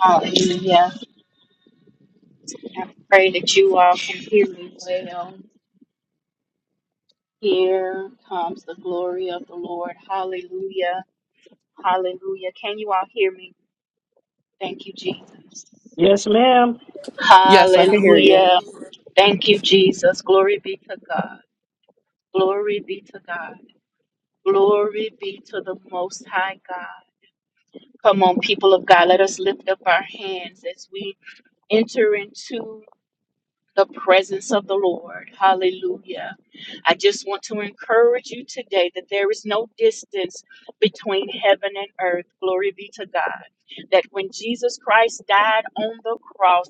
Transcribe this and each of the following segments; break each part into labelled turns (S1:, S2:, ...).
S1: Hallelujah. I pray that you all can hear me well. Here comes the glory of the Lord. Hallelujah. Hallelujah. Can you all hear me? Thank you, Jesus.
S2: Yes, ma'am.
S3: Yes, I can hear.
S1: Hallelujah. Thank you, Jesus. Glory be to God. Glory be to God. Glory be to the Most High God. Come on, people of God. Let us lift up our hands as we enter into the presence of the Lord. Hallelujah. I just want to encourage you today that there is no distance between heaven and earth. Glory be to God. That when Jesus Christ died on the cross,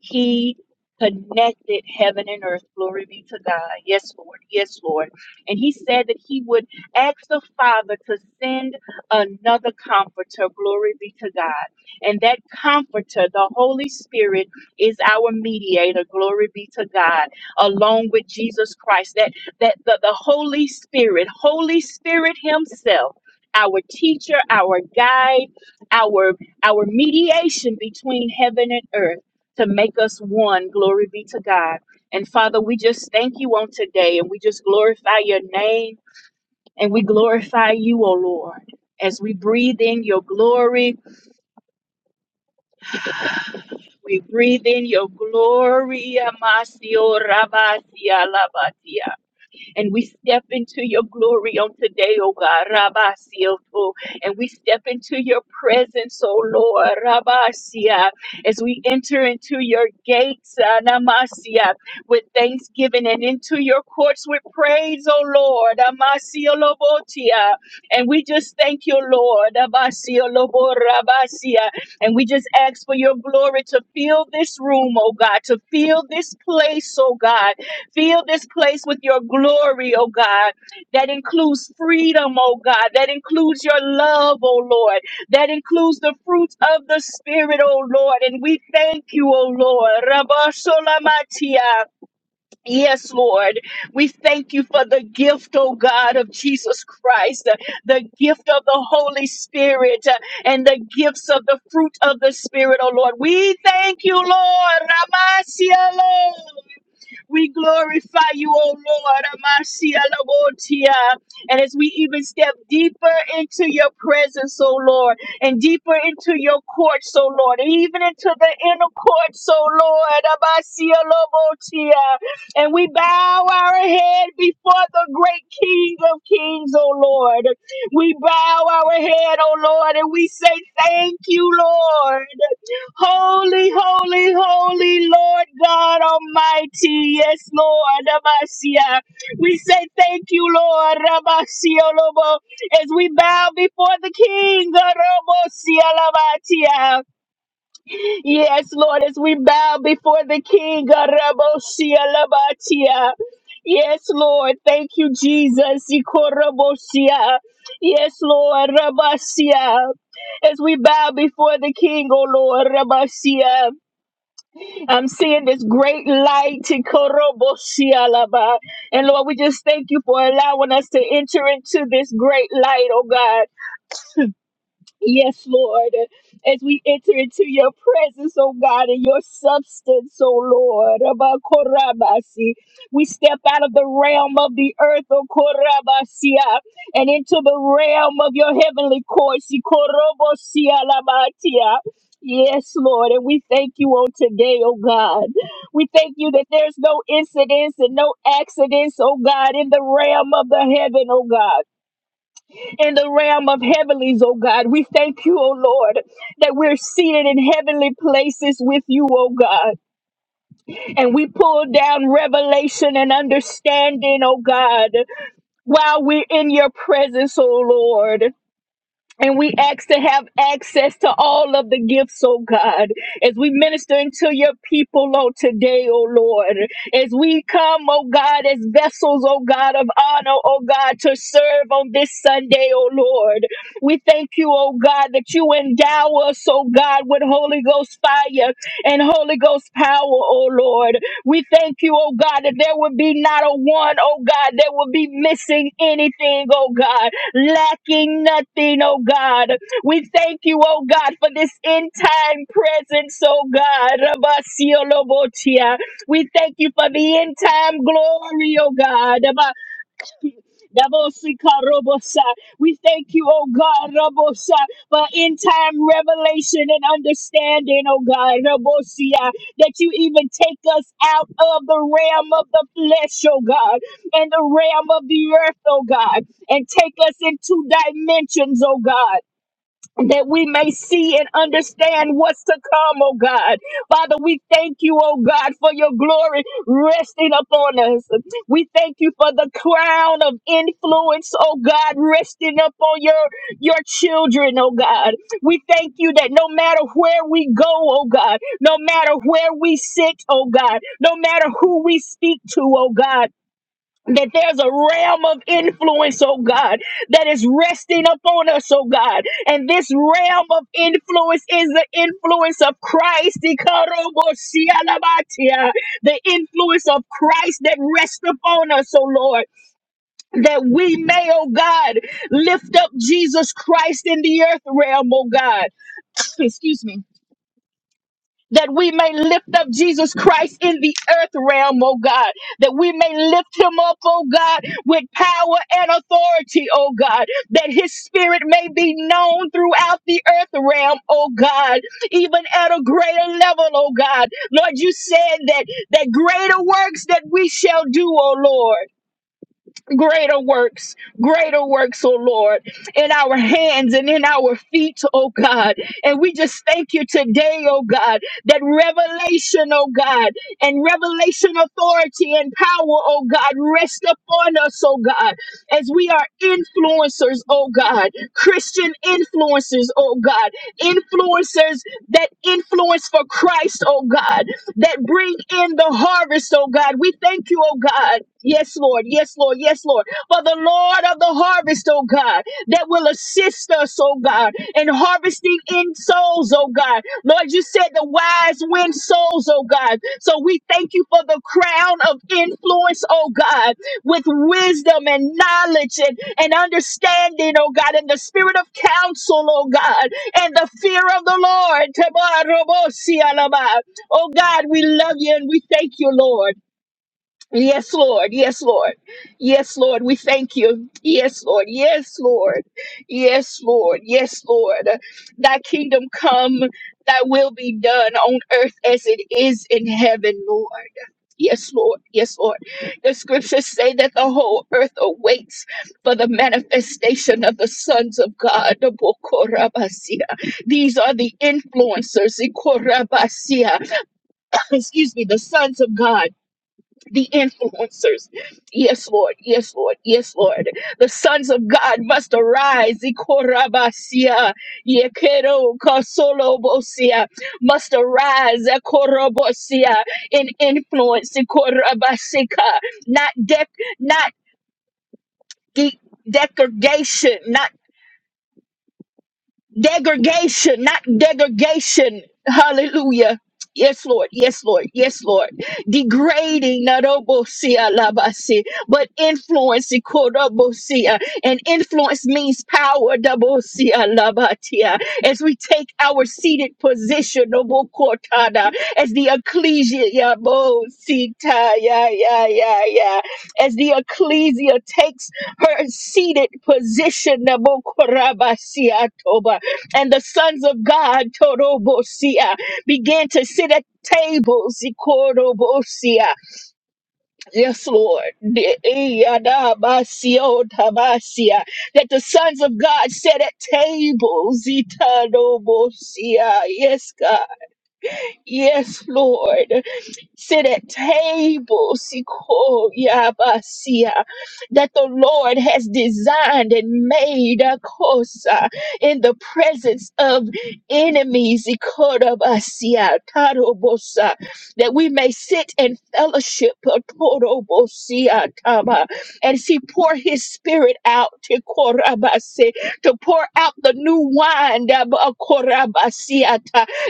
S1: he connected heaven and earth. Glory be to God. Yes, Lord. Yes, Lord. And he said that he would ask the Father to send another comforter. Glory be to God. And that comforter, the Holy Spirit, is our mediator. Glory be to God. Along with Jesus Christ. That that the, the Holy Spirit, Holy Spirit Himself, our teacher, our guide, our our mediation between heaven and earth to make us one. Glory be to God. And Father, we just thank you on today and we just glorify your name and we glorify you, O Lord. As we breathe in your glory, we breathe in your glory. Amasio rabasia labatia. And we step into your glory on today, oh God, Rabba And we step into your presence, oh Lord, Rabba as we enter into your gates, ah, Namasia, with thanksgiving and into your courts with praise, oh Lord, Amasia Lobotia. And we just thank you, Lord, Abasia Lobo Rabba And we just ask for your glory to fill this room, oh God, to fill this place, oh God Fill this place with your glory, oh God. That includes freedom, oh God. That includes your love, oh Lord. That includes the fruits of the Spirit, oh Lord. And we thank you, oh Lord. Rabba Sholamatia. Yes, Lord. We thank you for the gift, oh God, of Jesus Christ, the the gift of the Holy Spirit, uh, and the gifts of the fruit of the Spirit, oh Lord. We thank you, Lord. Ramasia, Lord. We glorify you, O Lord. Amasia Labotia. And as we even step deeper into your presence, O Lord, and deeper into your courts, O Lord, and even into the inner courts, O Lord, Amasia Labotia. And we bow our head before the great King of Kings, O Lord. We bow our head, O Lord, and we say, Thank you, Lord. Holy, holy, holy Lord God Almighty. Yes, Lord. Rabasia. We say thank you, Lord. Rabasia Lobo. As we bow before the King. Rabosia Labatia. Yes, Lord, as we bow before the King. Arabosia labatia. Yes, Lord. Thank you, Jesus. Ikorabosia. Yes, Lord. Rabasia. As we bow before the King, O Lord, Rabasia. I'm seeing this great light. Ikorobosia laba. And Lord, we just thank you for allowing us to enter into this great light, oh God. Yes, Lord. As we enter into your presence, oh God, and your substance, oh Lord. Abba, Korabasi. We step out of the realm of the earth, oh Korabasia, and into the realm of your heavenly courts. Ikorobosia Korobosia Labatia. Yes, Lord, and we thank you on today, oh God. We thank you that there's no incidents and no accidents, oh God, in the realm of the heaven, oh God in the realm of heavenlies, oh God. We thank you, oh Lord, that we're seated in heavenly places with you, oh God. And we pull down revelation and understanding, oh God, while we're in your presence, oh Lord. And we ask to have access to all of the gifts, oh God, as we minister into your people, oh today, oh Lord, as we come, oh God, as vessels, oh God, of honor, oh God, to serve on this Sunday, oh Lord. We thank you, oh God, that you endow us, oh God, with Holy Ghost fire and Holy Ghost power, oh Lord. We thank you, oh God, that there would be not a one, oh God, that would be missing anything, oh God lacking nothing, oh God. We thank you, oh God, for this end time presence, oh God. Rabasiolobotia. We thank you for the end time glory, oh God. Dabosikarobosa. We thank you, oh God, Rabosa, for in time revelation and understanding, oh God, Rabosia, that you even take us out of the realm of the flesh, oh God, and the realm of the earth, oh God, and take us into dimensions, oh God that we may see and understand what's to come, oh God. Father, we thank you, oh God, for your glory resting upon us. We thank you for the crown of influence, oh God, resting upon your, your children, oh God. We thank you that no matter where we go, oh God, no matter where we sit, oh God, no matter who we speak to, oh God, that there's a realm of influence, oh God, that is resting upon us, oh God. And this realm of influence is the influence of Christ, Ikarobosialabatia, the influence of Christ that rests upon us, oh Lord, that we may, oh God, lift up Jesus Christ in the earth realm, oh God. Excuse me that we may lift up Jesus Christ in the earth realm, oh God, that we may lift him up, oh God, with power and authority, oh God, that his spirit may be known throughout the earth realm, oh God, even at a greater level, oh God. Lord, you said that that greater works that we shall do, oh Lord greater works, greater works, oh Lord, in our hands and in our feet, oh God. And we just thank you today, oh God, that revelation, oh God, and revelation authority and power, oh God, rest upon us, oh God, as we are influencers, oh God, Christian influencers, oh God, influencers that influence for Christ, oh God, that bring in the harvest, oh God. We thank you, oh God, Yes, Lord. Yes, Lord. Yes, Lord. For the Lord of the harvest, oh God, that will assist us, oh God, in harvesting in souls, oh God. Lord, you said the wise win souls, oh God. So we thank you for the crown of influence, oh God, with wisdom and knowledge and, and understanding, oh God, and the spirit of counsel, oh God, and the fear of the Lord. Oh God, we love you and we thank you, Lord. Yes, Lord. Yes, Lord. Yes, Lord. We thank you. Yes, Lord. Yes, Lord. Yes, Lord. Yes, Lord. Thy kingdom come, thy will be done on earth as it is in heaven, Lord. Yes, Lord. Yes, Lord. The scriptures say that the whole earth awaits for the manifestation of the sons of God. These are the influencers. Excuse me, the sons of God the influencers. Yes, Lord. Yes, Lord. Yes, Lord. The sons of God must arise. Ikorabasia, yekero kasolobosia, Must arise Ikorobosia in influence. Ikorabasika. Not dec- not de- degradation, not degradation, not degradation. Hallelujah. Yes, Lord. Yes, Lord. Yes, Lord. Degrading, not obosia, labasi, but influence, ikodobosia. and influence means power, dobosia, labatia. As we take our seated position, obokotada, as the ecclesia, ya, bo, sita, ya, ya, ya, ya. as the ecclesia takes her seated position, nabokorabasiatoba, and the sons of God, Torobosia, began to sit at tables, Ikorobosia. Yes, Lord. De- Iyadabasio Tabasia. That the sons of God sat at tables, Itanobosia. Yes, God. Yes, Lord sit at table, Sikoyabasia, that the Lord has designed and made a kosa in the presence of enemies, Ikodabasia, Tarobosa, that we may sit in fellowship, Torobosia, Tama, and see, pour his spirit out, Tikorabase, to pour out the new wine, Dabakorabasia,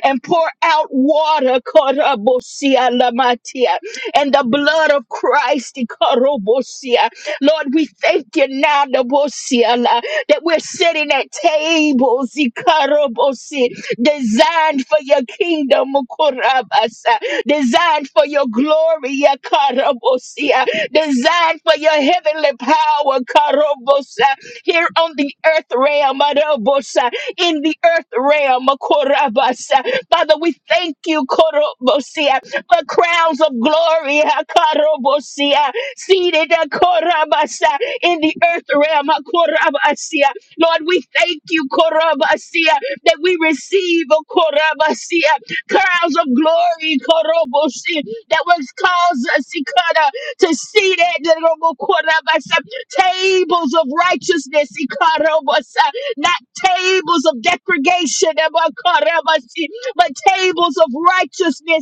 S1: and pour out water. Karabosia lamatia, And the blood of Christ. Karabosia. Lord, we thank you now Nabosia, la, that we're sitting at tables Ikorobosi, designed for your kingdom. Okorabasa, Designed for your glory. Yakarabosia, Designed for your heavenly power. Karobosa, Here on the earth realm. Adobosa, In the earth realm. Okorabasa, Father, we thank you, Korobosia, for crowns of glory, ha, Korobosia, seated ha, Korabasa, in the earth realm, ha, Korabasia. Lord, we thank you, Korabasia, that we receive, oh, Korabasia, crowns of glory, Korobosia, that was caused us, Ikara, to see that the Robo Korabasa, tables of righteousness, Ikarobasa, not tables of degradation but tables of righteousness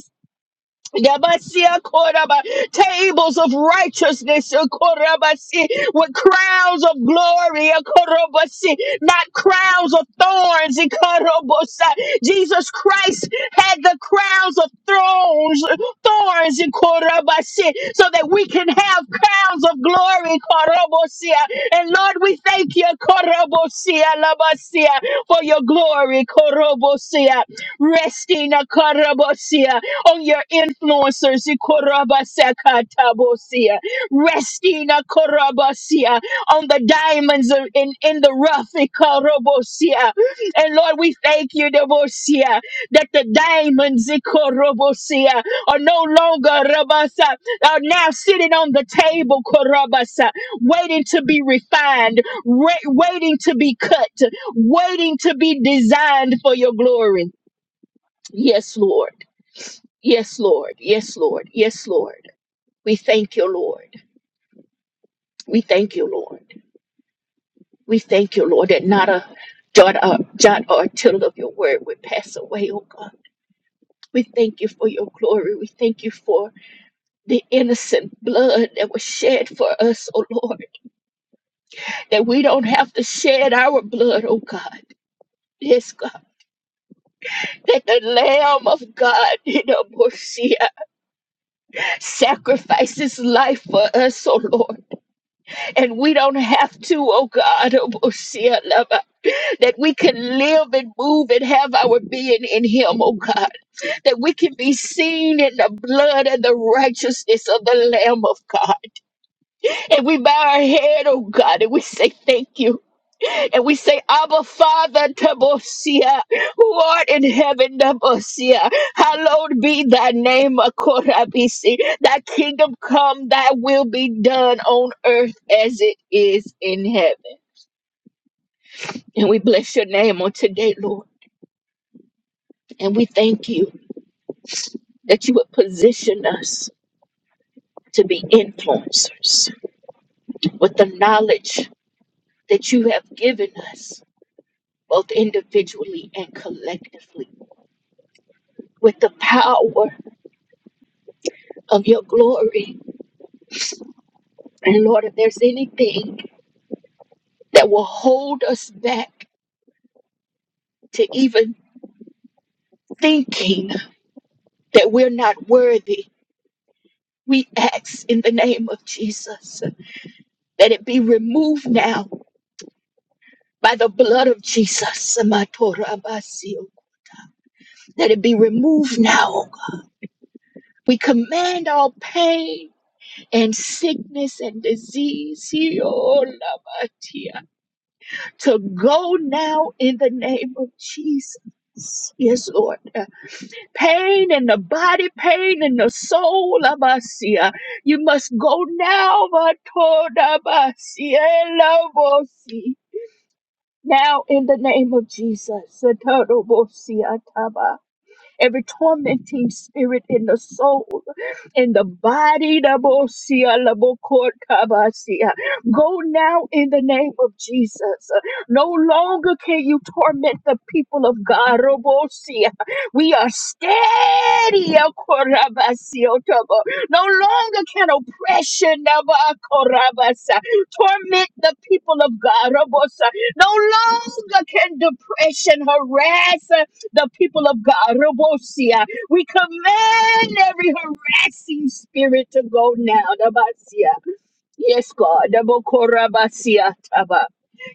S1: Yabasia Koraba, tables of righteousness, uh, Korabasi, with crowns of glory, uh, Korobasi, not crowns of thorns. uh, Korobosa. Jesus Christ had the crowns of thrones, uh, thorns, uh, Korabasi, so that we can have crowns of glory, Korobosia. And Lord, we thank you, Korobosia, Labasia, for your glory, Korobosia, resting, uh, Korobosia on your influencers, Ikorabasakatabosia. resting Ikorabasia, on the diamonds of- in, in the rough. Ikorobosia. And Lord, we thank you, Debosia, that the diamonds Ikorobosia, are no longer Rabasa, are now sitting on the table, Korabasa, waiting to be refined, ra- waiting to be cut, waiting to be designed for your glory. Yes, Lord. Yes, Lord. Yes, Lord. Yes, Lord. We thank you, Lord. We thank you, Lord. We thank you, Lord, that not a jot or, jot or tittle of your word would pass away, oh God. We thank you for your glory. We thank you for the innocent blood that was shed for us, oh Lord, that we don't have to shed our blood, oh God. Yes, God, that the Lamb of God, you know, Messiah, sacrifices life for us, oh Lord. and we don't have to, oh God, oh Bosia, Lava, that we can live and move and have our being in Him, oh God, that we can be seen in the blood and the righteousness of the Lamb of God. And we bow our head, oh God, and we say thank you. And we say, Abba, Father, Tabosia, who art in heaven, Tabosia, hallowed be thy name, Akorabisi. Thy kingdom come, thy will be done on earth as it is in heaven. And we bless your name on today, Lord. And we thank you that you would position us to be influencers with the knowledge that you have given us, both individually and collectively, with the power of your glory. And Lord, if there's anything that will hold us back to even thinking that we're not worthy, we ask in the name of Jesus that it be removed now by the blood of Jesus, Samatorabasio. let it be removed now. O God. We command all pain and sickness and disease Iolamatia, to go now in the name of Jesus. Yes, Lord. Uh, Pain in the body, pain in the soul, Amasia. You must go now, Matodabasia, Elobosi. Now, in the name of Jesus, Satorobosia Taba. every tormenting spirit in the soul, in the body. Labosia, labokortabasia. Go now in the name of Jesus. No longer can you torment the people of God. Robosia. We are steady. Akorabasiotabo. No longer can oppression Nabakorabasa, torment the people of God. Robosa. No longer can depression harass the people of God. Robosia. We command every harassing spirit to go now. Rabasia. Yes, God. Rabokorabasia taba.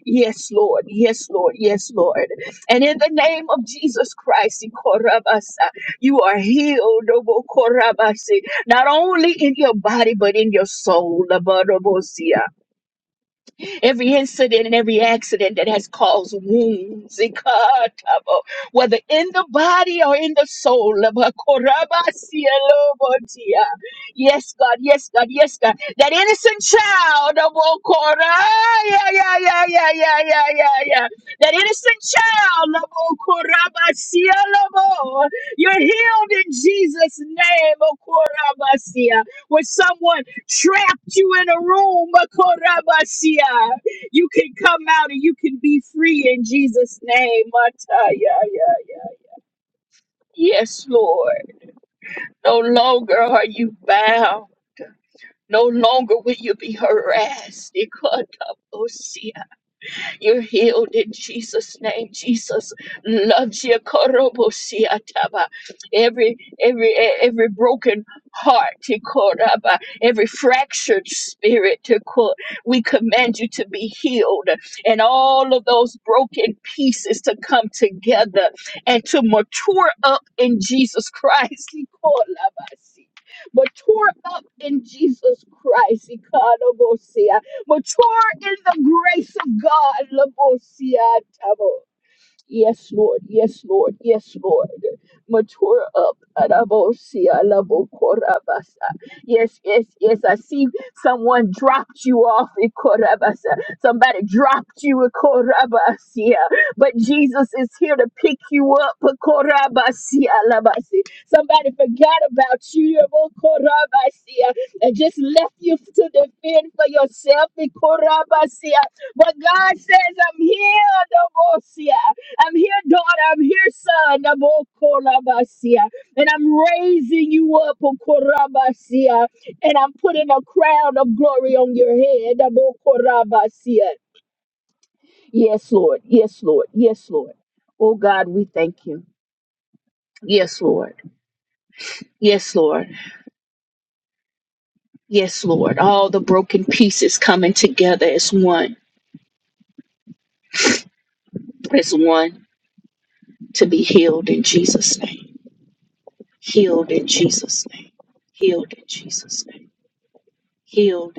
S1: Yes, Lord. Yes, Lord. Yes, Lord. And in the name of Jesus Christ, Ikorabasa, you are healed. Robokorabasi, Not only in your body, but in your soul. Rabosia every incident and every accident that has caused wounds, Ikatabo, whether in the body or in the soul. Abakorabasielobotia. Yes, God, yes, God, yes, God. That innocent child of Okora, yeah, yeah, yeah, yeah, yeah, yeah, yeah, yeah. That innocent child of Okorabasielabo. You're healed in Jesus' name, Okorabasia. When someone trapped you in a room, Makorabasia. You can come out and you can be free in Jesus' name. Mataya, ya, ya. Yes, Lord. No longer are you bound. No longer will you be harassed. Ikotabosia. You're healed in Jesus' name. Jesus loves you. Korobosiataba. Every every every broken heart, Tikoraba, every fractured spirit, Tikor- we command you to be healed and all of those broken pieces to come together and to mature up in Jesus Christ. Tikorabasi. Mature up in Jesus Christ. Mature in the grace of God. Labosia tabo. Yes, Lord. Yes, Lord. Yes, Lord. Mature up. Arabosia labo, Korabasa. Yes, yes, yes. I see someone dropped you off in Korabasa. Somebody dropped you in Korabasia. But Jesus is here to pick you up. Korabasia labasi. Somebody forgot about you. Yabo, Korabasia. And just left you to defend for yourself in Korabasia. But God says, I'm here, Dobosia. I'm here, daughter. I'm here, son. I'm all And I'm raising you up, Okorabasia, And I'm putting a crown of glory on your head. i Yes, Lord. Yes, Lord. Yes, Lord. Oh, God, we thank you. Yes, Lord. Yes, Lord. Yes, Lord. All the broken pieces coming together as one, as one to be healed in Jesus' name. Healed in Jesus' name. Healed in Jesus' name. Healed.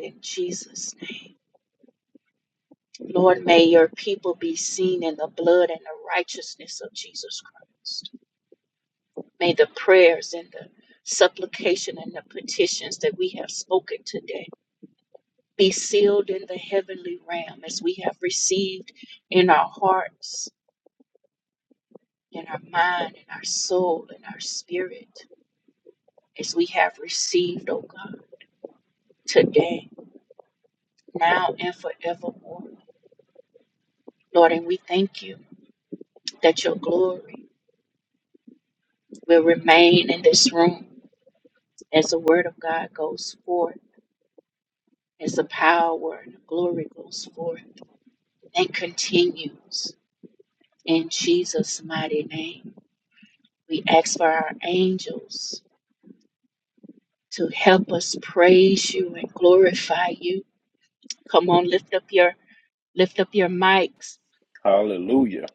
S4: Hallelujah.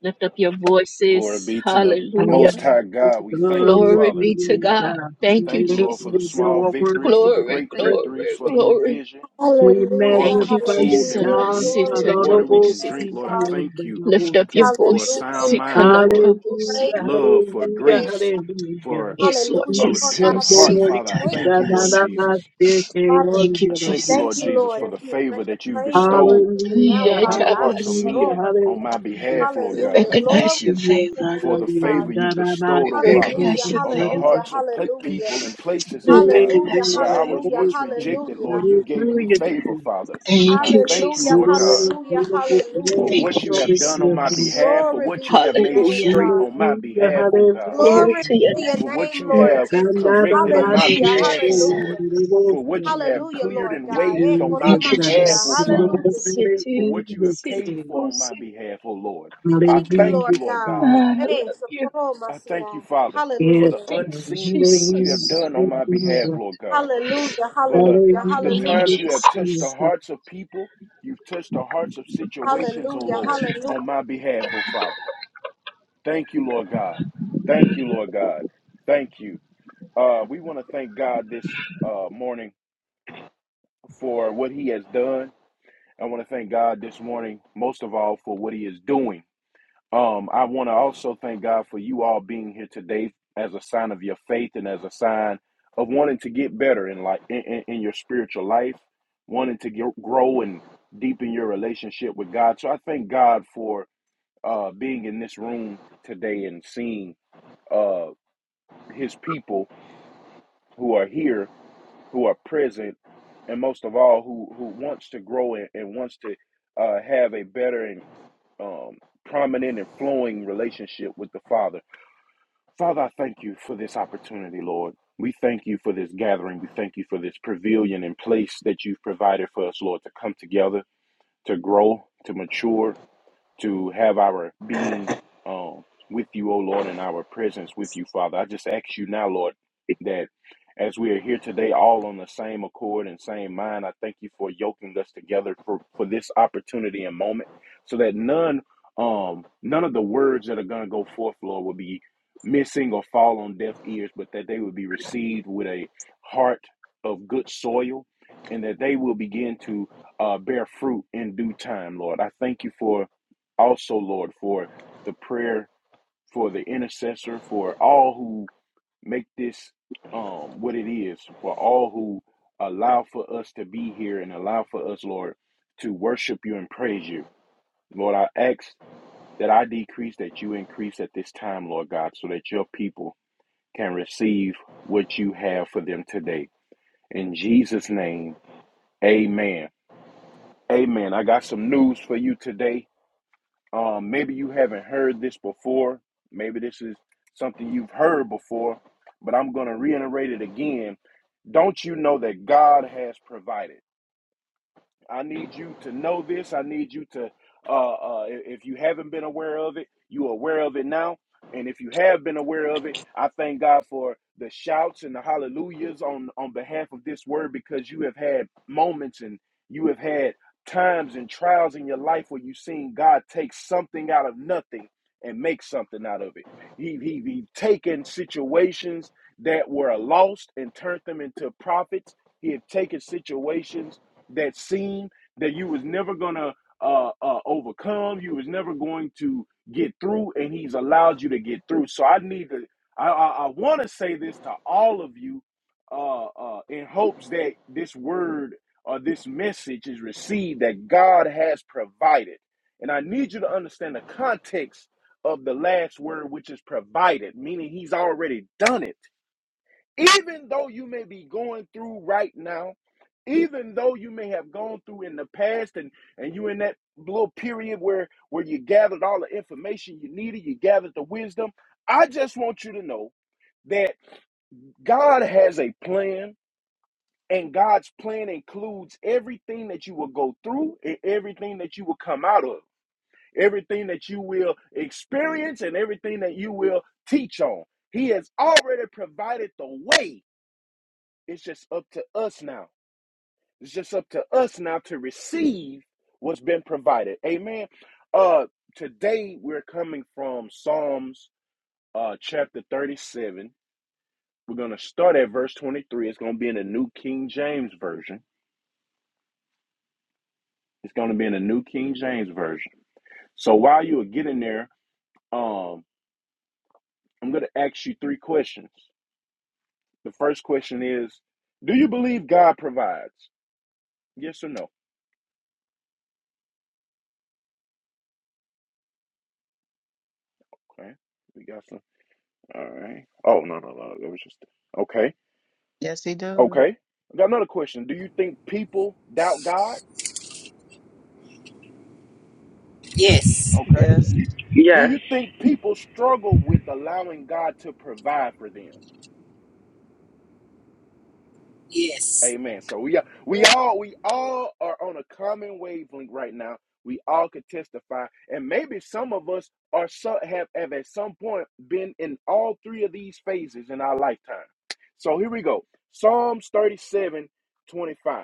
S4: Glory be to the
S2: Hallelujah,
S4: Most High God. We thank you,
S2: Glory to
S4: Father.
S2: you, God.
S4: We thank you, Lord, for the
S2: Hallelujah,
S4: small
S2: your word
S4: victories, for the
S2: is
S4: great
S2: praise.
S4: victories, for the provision,
S2: We
S4: Lord,
S5: Hallelujah,
S4: for the
S2: magnify
S4: food
S2: you,
S4: that we
S5: hallelujah,
S4: can
S2: God,
S4: eat, for
S5: glory
S4: the
S5: be
S4: water
S5: to
S4: we
S2: adorable
S4: can
S5: your name,
S4: drink.
S2: Savior
S4: Lord, I
S5: Father.
S2: and
S4: thank you
S2: beloved Master.
S4: for a sound
S5: Hallelujah,
S4: mind,
S5: Jesus,
S4: for
S2: Hallelujah,
S5: praise be to
S4: love,
S5: your
S4: for
S2: hallelujah,
S5: name.
S4: grace,
S2: hallelujah.
S4: for
S5: Hallelujah,
S4: a
S5: Lord
S4: repentant
S5: God,
S4: heart,
S5: thank
S2: Hallelujah,
S5: you,
S4: Father. I
S5: thank
S4: thank
S2: na,
S5: you,
S4: you,
S2: na,
S4: Lord
S2: na,
S5: Jesus.
S2: na,
S4: Jesus.
S2: te, te,
S5: Father, thank
S2: on,
S4: I
S2: the,
S5: you,
S4: thank you,
S2: the,
S5: thank
S4: Lord
S5: you,
S2: the,
S4: Jesus,
S5: Lord,
S2: the.
S4: for the
S5: as we bring
S4: favor
S5: the
S4: that you've
S5: praise up unto
S4: bestowed
S5: you now,
S2: hallelujah,
S4: upon
S5: Father.
S4: the
S5: I
S4: hearts
S5: say,
S4: of
S5: for
S2: hallelujah,
S5: all
S4: men
S5: my
S4: on my
S5: fear.
S2: hallelujah.
S4: behalf, Lord God.
S5: Hallelujah,
S4: I
S5: glory
S4: thank you
S2: Hallelujah,
S5: be to your
S4: for the
S5: name,
S4: favor
S5: Father.
S4: you bestowed, O Father,
S5: Hallelujah,
S4: on the
S5: hallelujah,
S4: hearts of pe-
S5: hallelujah.
S4: people and places, O God,
S5: Hallelujah,
S4: where I was
S5: hallelujah,
S4: once rejected, Lord.
S5: hallelujah.
S4: You gave me favor, Father,
S2: Jesus.
S4: and I thank you,
S5: Hallelujah,
S4: Lord God,
S2: Glory,
S5: hallelujah,
S2: glory,
S4: for
S5: hallelujah.
S2: glory,
S4: what you
S2: glory
S4: have
S2: to
S4: done on
S2: your
S4: my
S2: name.
S4: behalf, for
S5: Glory
S4: what
S5: be
S4: you
S5: to
S4: have
S5: your
S4: made
S5: name,
S4: straight
S5: Father.
S4: on my
S2: Hallelujah,
S4: behalf, O God,
S2: hallelujah.
S5: Glory be to your
S4: for what
S5: name,
S4: you
S5: Lord
S4: have
S5: Jesus.
S2: Kanada
S4: corrected on my
S5: Hallelujah,
S2: Master
S4: behalf, O
S2: King,
S4: Lord,
S5: hallelujah.
S2: the Lord's
S4: for what you have
S5: Hallelujah,
S4: cleared
S5: Lord
S4: and
S5: God. Eh,
S4: waived on my behalf,
S2: Hallelujah,
S5: koromasia.
S4: O Father,
S2: Jesus.
S5: Hallelujah, Jesus.
S4: for what you have paid for on my behalf, O Lord.
S5: We
S4: I
S5: thank you,
S4: thank you,
S5: Lord
S2: Hallelujah,
S4: Lord God
S5: God.
S2: Jesus.
S5: Eh, so
S4: I thank you,
S5: koromasia.
S4: Father, for
S2: Yes,
S4: the
S5: Hallelujah.
S2: God.
S4: unseen things you have
S2: Hallelujah,
S4: done on my behalf,
S2: hallelujah,
S4: Lord God.
S5: Hallelujah,
S4: For
S5: hallelujah,
S4: the the
S5: hallelujah,
S4: times
S2: Hallelujah.
S4: you have touched the hearts of people, you've touched the hearts of situations, oh
S5: hallelujah,
S4: Lord, on
S5: hallelujah.
S4: my behalf, oh Father. Thank you, Lord God. Thank you, Lord God. Thank you. Uh, we want to thank God this uh, morning for what He has done. I want to thank God this morning, most of all, for what He is doing. Um, I want to also thank God for you all being here today as a sign of your faith and as a sign of wanting to get better in life, in, in, in your spiritual life, wanting to get, grow and deepen your relationship with God. So I thank God for uh, being in this room today and seeing uh, His people who are here, who are present, and most of all, who who wants to grow and, and wants to uh, have a better and um, prominent and flowing relationship with the Father. Father, I thank you for this opportunity, Lord. We thank you for this gathering. We thank you for this pavilion and place that you've provided for us, Lord, to come together, to grow, to mature, to have our being um, with you, O Lord, and our presence with you, Father. I just ask you now, Lord, that as we are here today, all on the same accord and same mind, I thank you for yoking us together for, for this opportunity and moment, so that none um none of the words that are going to go forth, Lord, will be missing or fall on deaf ears, but that they will be received with a heart of good soil, and that they will begin to uh, bear fruit in due time, Lord. I thank you for also, Lord, for the prayer, for the intercessor, for all who make this um, what it is, for all who allow for us to be here and allow for us, Lord, to worship you and praise you. Lord, I ask that I decrease, that you increase at this time, Lord God, so that your people can receive what you have for them today. In Jesus' name, amen. Amen. I got some news for you today. Um, maybe you haven't heard this before. Maybe this is something you've heard before, but I'm going to reiterate it again. Don't you know that God has provided? I need you to know this. I need you to, uh, uh, if you haven't been aware of it, you are aware of it now. And if you have been aware of it, I thank God for the shouts and the hallelujahs on, on behalf of this word because you have had moments and you have had times and trials in your life where you've seen God take something out of nothing and make something out of it. He, he, he taken situations that were lost and turned them into profits. He had taken situations that seemed that you was never gonna uh, uh, overcome, you was never going to get through, and He's allowed you to get through. So I need to, I, I, I want to say this to all of you, uh, uh, in hopes that this word or this message is received that God has provided, and I need you to understand the context of the last word, which is provided, meaning He's already done it even though you may be going through right now, even though you may have gone through in the past and and you in that little period where where you gathered all the information you needed, you gathered the wisdom, I just want you to know that God has a plan and God's plan includes everything that you will go through and everything that you will come out of, everything that you will experience and everything that you will teach on. He has already provided the way it's just up to us now. It's just up to us now to receive what's been provided. Amen. Uh today we're coming from Psalms uh chapter 37. We're going to start at verse 23. It's going to be in the New King James version. It's going to be in the New King James version. So while you are getting there, um I'm going to ask you three questions. The first question is, do you believe God provides? Yes or no? Okay. We got some All right. Oh no, no, no. It was just okay.
S6: Yes, he does.
S4: Okay. I got another question. Do you think people doubt God? Okay.
S6: Yes.
S3: you.
S4: Do
S3: Yes.
S4: you think people struggle with allowing God to provide for them? Amen. So we are, we all we all are on a common wavelength right now. We all could testify, and maybe some of us are so, have, have at some point been in all three of these phases in our lifetime. So here we go. Psalms 37, 25.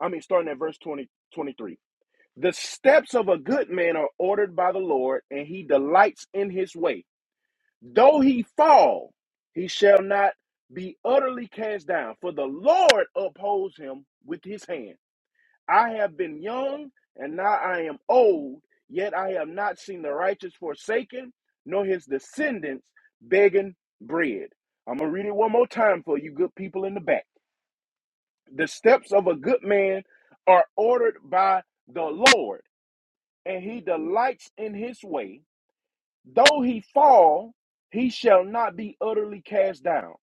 S4: I mean, starting at verse 20, 23. The steps of a good man are ordered by the Lord, and he delights in his way. Though he fall, he shall not be utterly cast down, for the Lord upholds him with his hand. I have been young, and now I am old, yet I have not seen the righteous forsaken, nor his descendants begging bread. I'm going to read it one more time for you good people in the back. The steps of a good man are ordered by the Lord and he delights in his way, though he fall, he shall not be utterly cast down.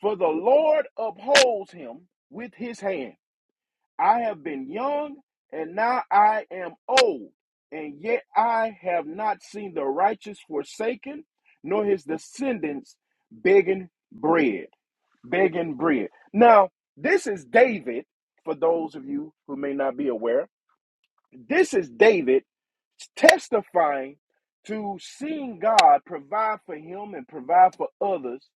S4: For the Lord upholds him with his hand. I have been young, and now I am old, and yet I have not seen the righteous forsaken, nor his descendants begging bread. Begging bread. Now, this is David, for those of you who may not be aware. This is David testifying to seeing God provide for him and provide for others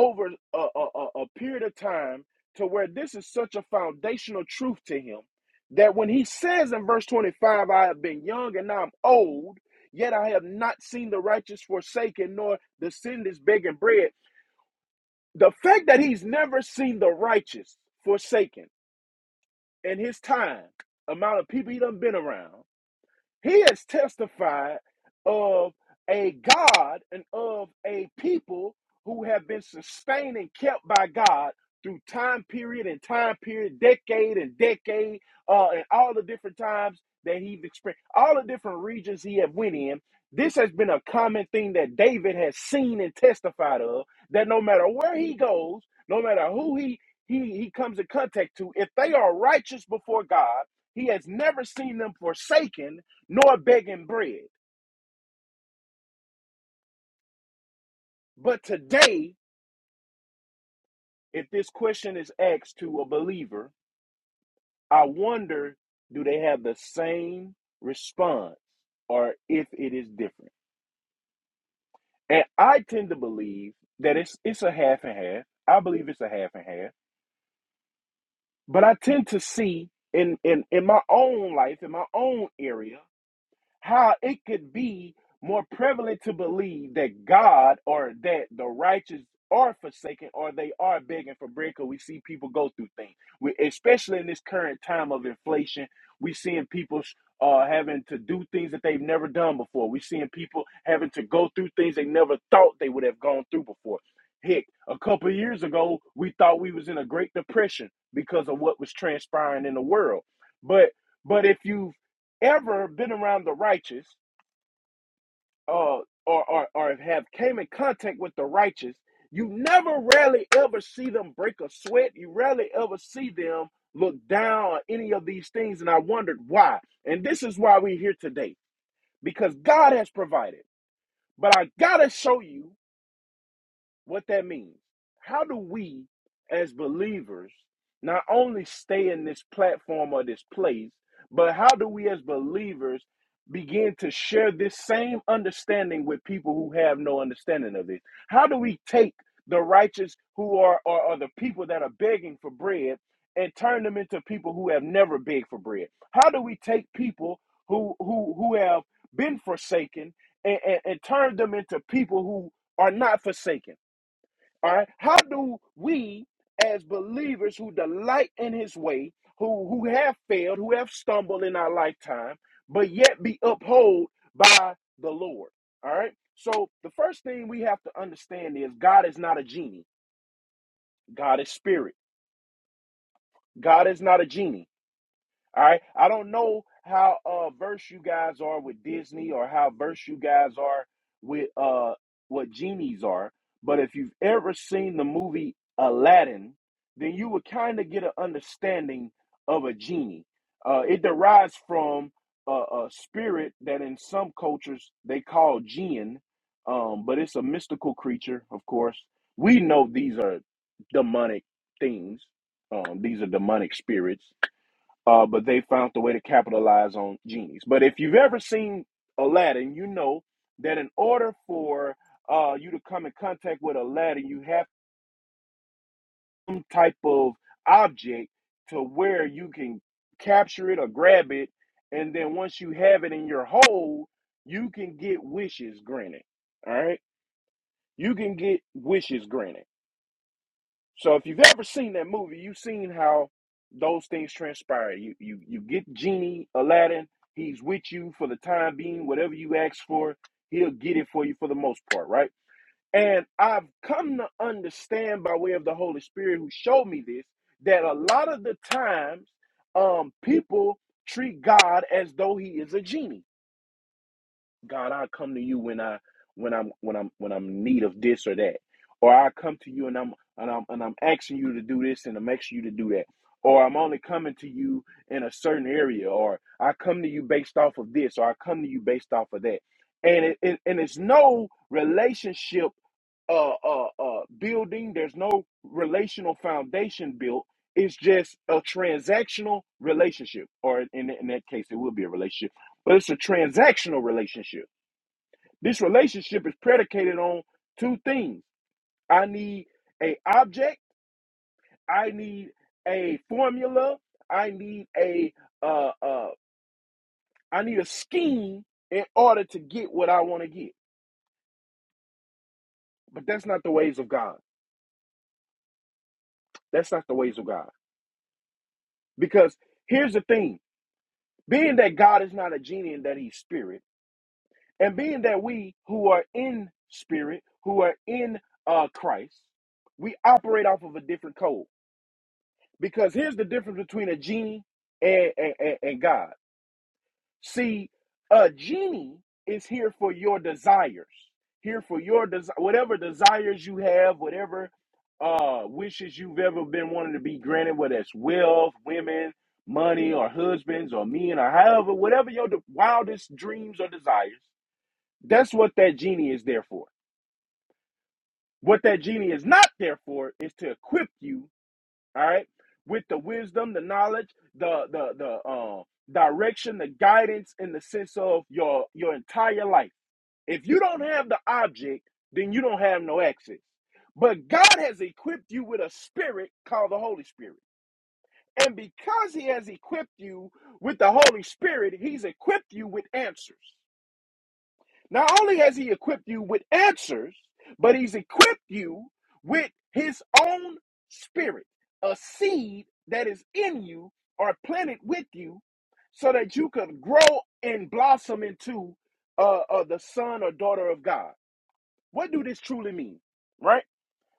S4: over a, a, a- a period of time to where this is such a foundational truth to him that when he says in verse 25, I have been young and now I'm old, yet I have not seen the righteous forsaken nor the sinners begging bread. The fact that he's never seen the righteous forsaken in his time, amount of people he done been around, he has testified of a God and of a people who have been sustained and kept by God through time period and time period, decade and decade, uh, and all the different times that he's experienced, all the different regions he have went in. This has been a common thing that David has seen and testified of. That no matter where he goes, no matter who he he he comes in contact to, if they are righteous before God, he has never seen them forsaken nor begging bread. But today, if this question is asked to a believer, I wonder do they have the same response or if it is different? And I tend to believe that it's it's a half and half. I believe it's a half and half. But I tend to see in in, in my own life, in my own area, how it could be more prevalent to believe that God or that the righteous are forsaken or they are begging for bread because we see people go through things, we, especially in this current time of inflation. we seeing people uh, having to do things that they've never done before. we seeing people having to go through things they never thought they would have gone through before. Heck, a couple of years ago, we thought we was in a Great Depression because of what was transpiring in the world. But but if you ever been around the righteous uh, or, or, or have came in contact with the righteous, you never rarely ever see them break a sweat. You rarely ever see them look down on any of these things. And I wondered why. And this is why we're here today because God has provided. But I got to show you what that means. How do we, as believers, not only stay in this platform or this place, but how do we, as believers, begin to share this same understanding with people who have no understanding of it? How do we take the righteous who are, are, are the people that are begging for bread and turn them into people who have never begged for bread? How do we take people who who who have been forsaken and, and, and turn them into people who are not forsaken? All right. How do we, as believers who delight in his way, who, who have failed, who have stumbled in our lifetime, but yet be upheld by the Lord? All right. So the first thing we have to understand is God is not a genie, God is spirit. God is not a genie. All right. I don't know how uh verse you guys are with Disney or how verse you guys are with uh what genies are, but if you've ever seen the movie Aladdin, then you would kind of get an understanding of a genie. Uh, it derives from a, a spirit that in some cultures they call jinn, um, but it's a mystical creature, of course. We know these are demonic things. Um, these are demonic spirits uh, but they found the way to capitalize on genies. But if you've ever seen Aladdin, you know that in order for uh, you to come in contact with Aladdin, you have some type of object to where you can capture it or grab it, and then once you have it in your hold, you can get wishes granted. All right, you can get wishes granted. So if you've ever seen that movie, you've seen how those things transpire. You you you get genie Aladdin. He's with you for the time being. Whatever you ask for, he'll get it for you for the most part, right? And I've come to understand by way of the Holy Spirit who showed me this that a lot of the times um people treat God as though he is a genie God, I come to you when I when I'm when I'm when I'm in need of this or that. Or I come to you and I'm and I'm and I'm asking you to do this and I'm asking you to do that. Or I'm only coming to you in a certain area, or I come to you based off of this, or I come to you based off of that. And it, it- and it's no relationship uh, uh uh building, there's no relational foundation built. It's just a transactional relationship, or in, in that case, it will be a relationship, but it's a transactional relationship this relationship is predicated on two things. I need a object. I need a formula. I need a uh, uh, I need a scheme in order to get what I want to get. But that's not the ways of God. That's not the ways of God. Because here's the thing: being that God is not a genie and that He's spirit, and being that we who are in spirit, who are in uh, Christ, we operate off of a different code. Because here's the difference between a genie and, and, and- God. See, a genie is here for your desires, here for your desire, whatever desires you have, whatever uh, wishes you've ever been wanting to be granted, whether it's wealth, women, money, or husbands, or men, or however, whatever your de- wildest dreams or desires. That's what that genie is there for. What that genie is not there for is to equip you all right with the wisdom the knowledge the the the uh, direction the guidance in the sense of your your entire life if you don't have the object then you don't have no access but god has equipped you with a spirit called the holy spirit and because he has equipped you with the holy spirit he's equipped you with answers not only has he equipped you with answers, but he's equipped you with his own spirit, a seed that is in you or planted with you so that you could grow and blossom into uh, uh, the son or daughter of God. What do this truly mean? Right?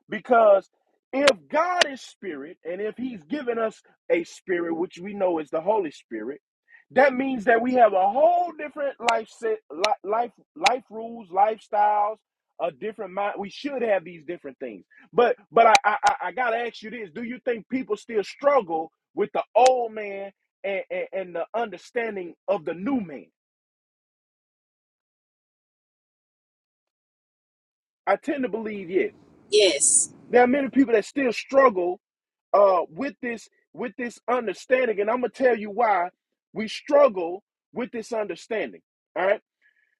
S4: Because if God is spirit, and if He's given us a spirit, which we know is the Holy Spirit, that means that we have a whole different life set, life, life rules, lifestyles, a different mind. We should have these different things. But, but I, I, I I gotta ask you this: Do you think people still struggle with the old man and, and, and the understanding of the new man? I tend to believe yes.
S1: Yes.
S4: There are many people that still struggle uh, with this with this understanding, and I'm gonna tell you why we struggle with this understanding. All right,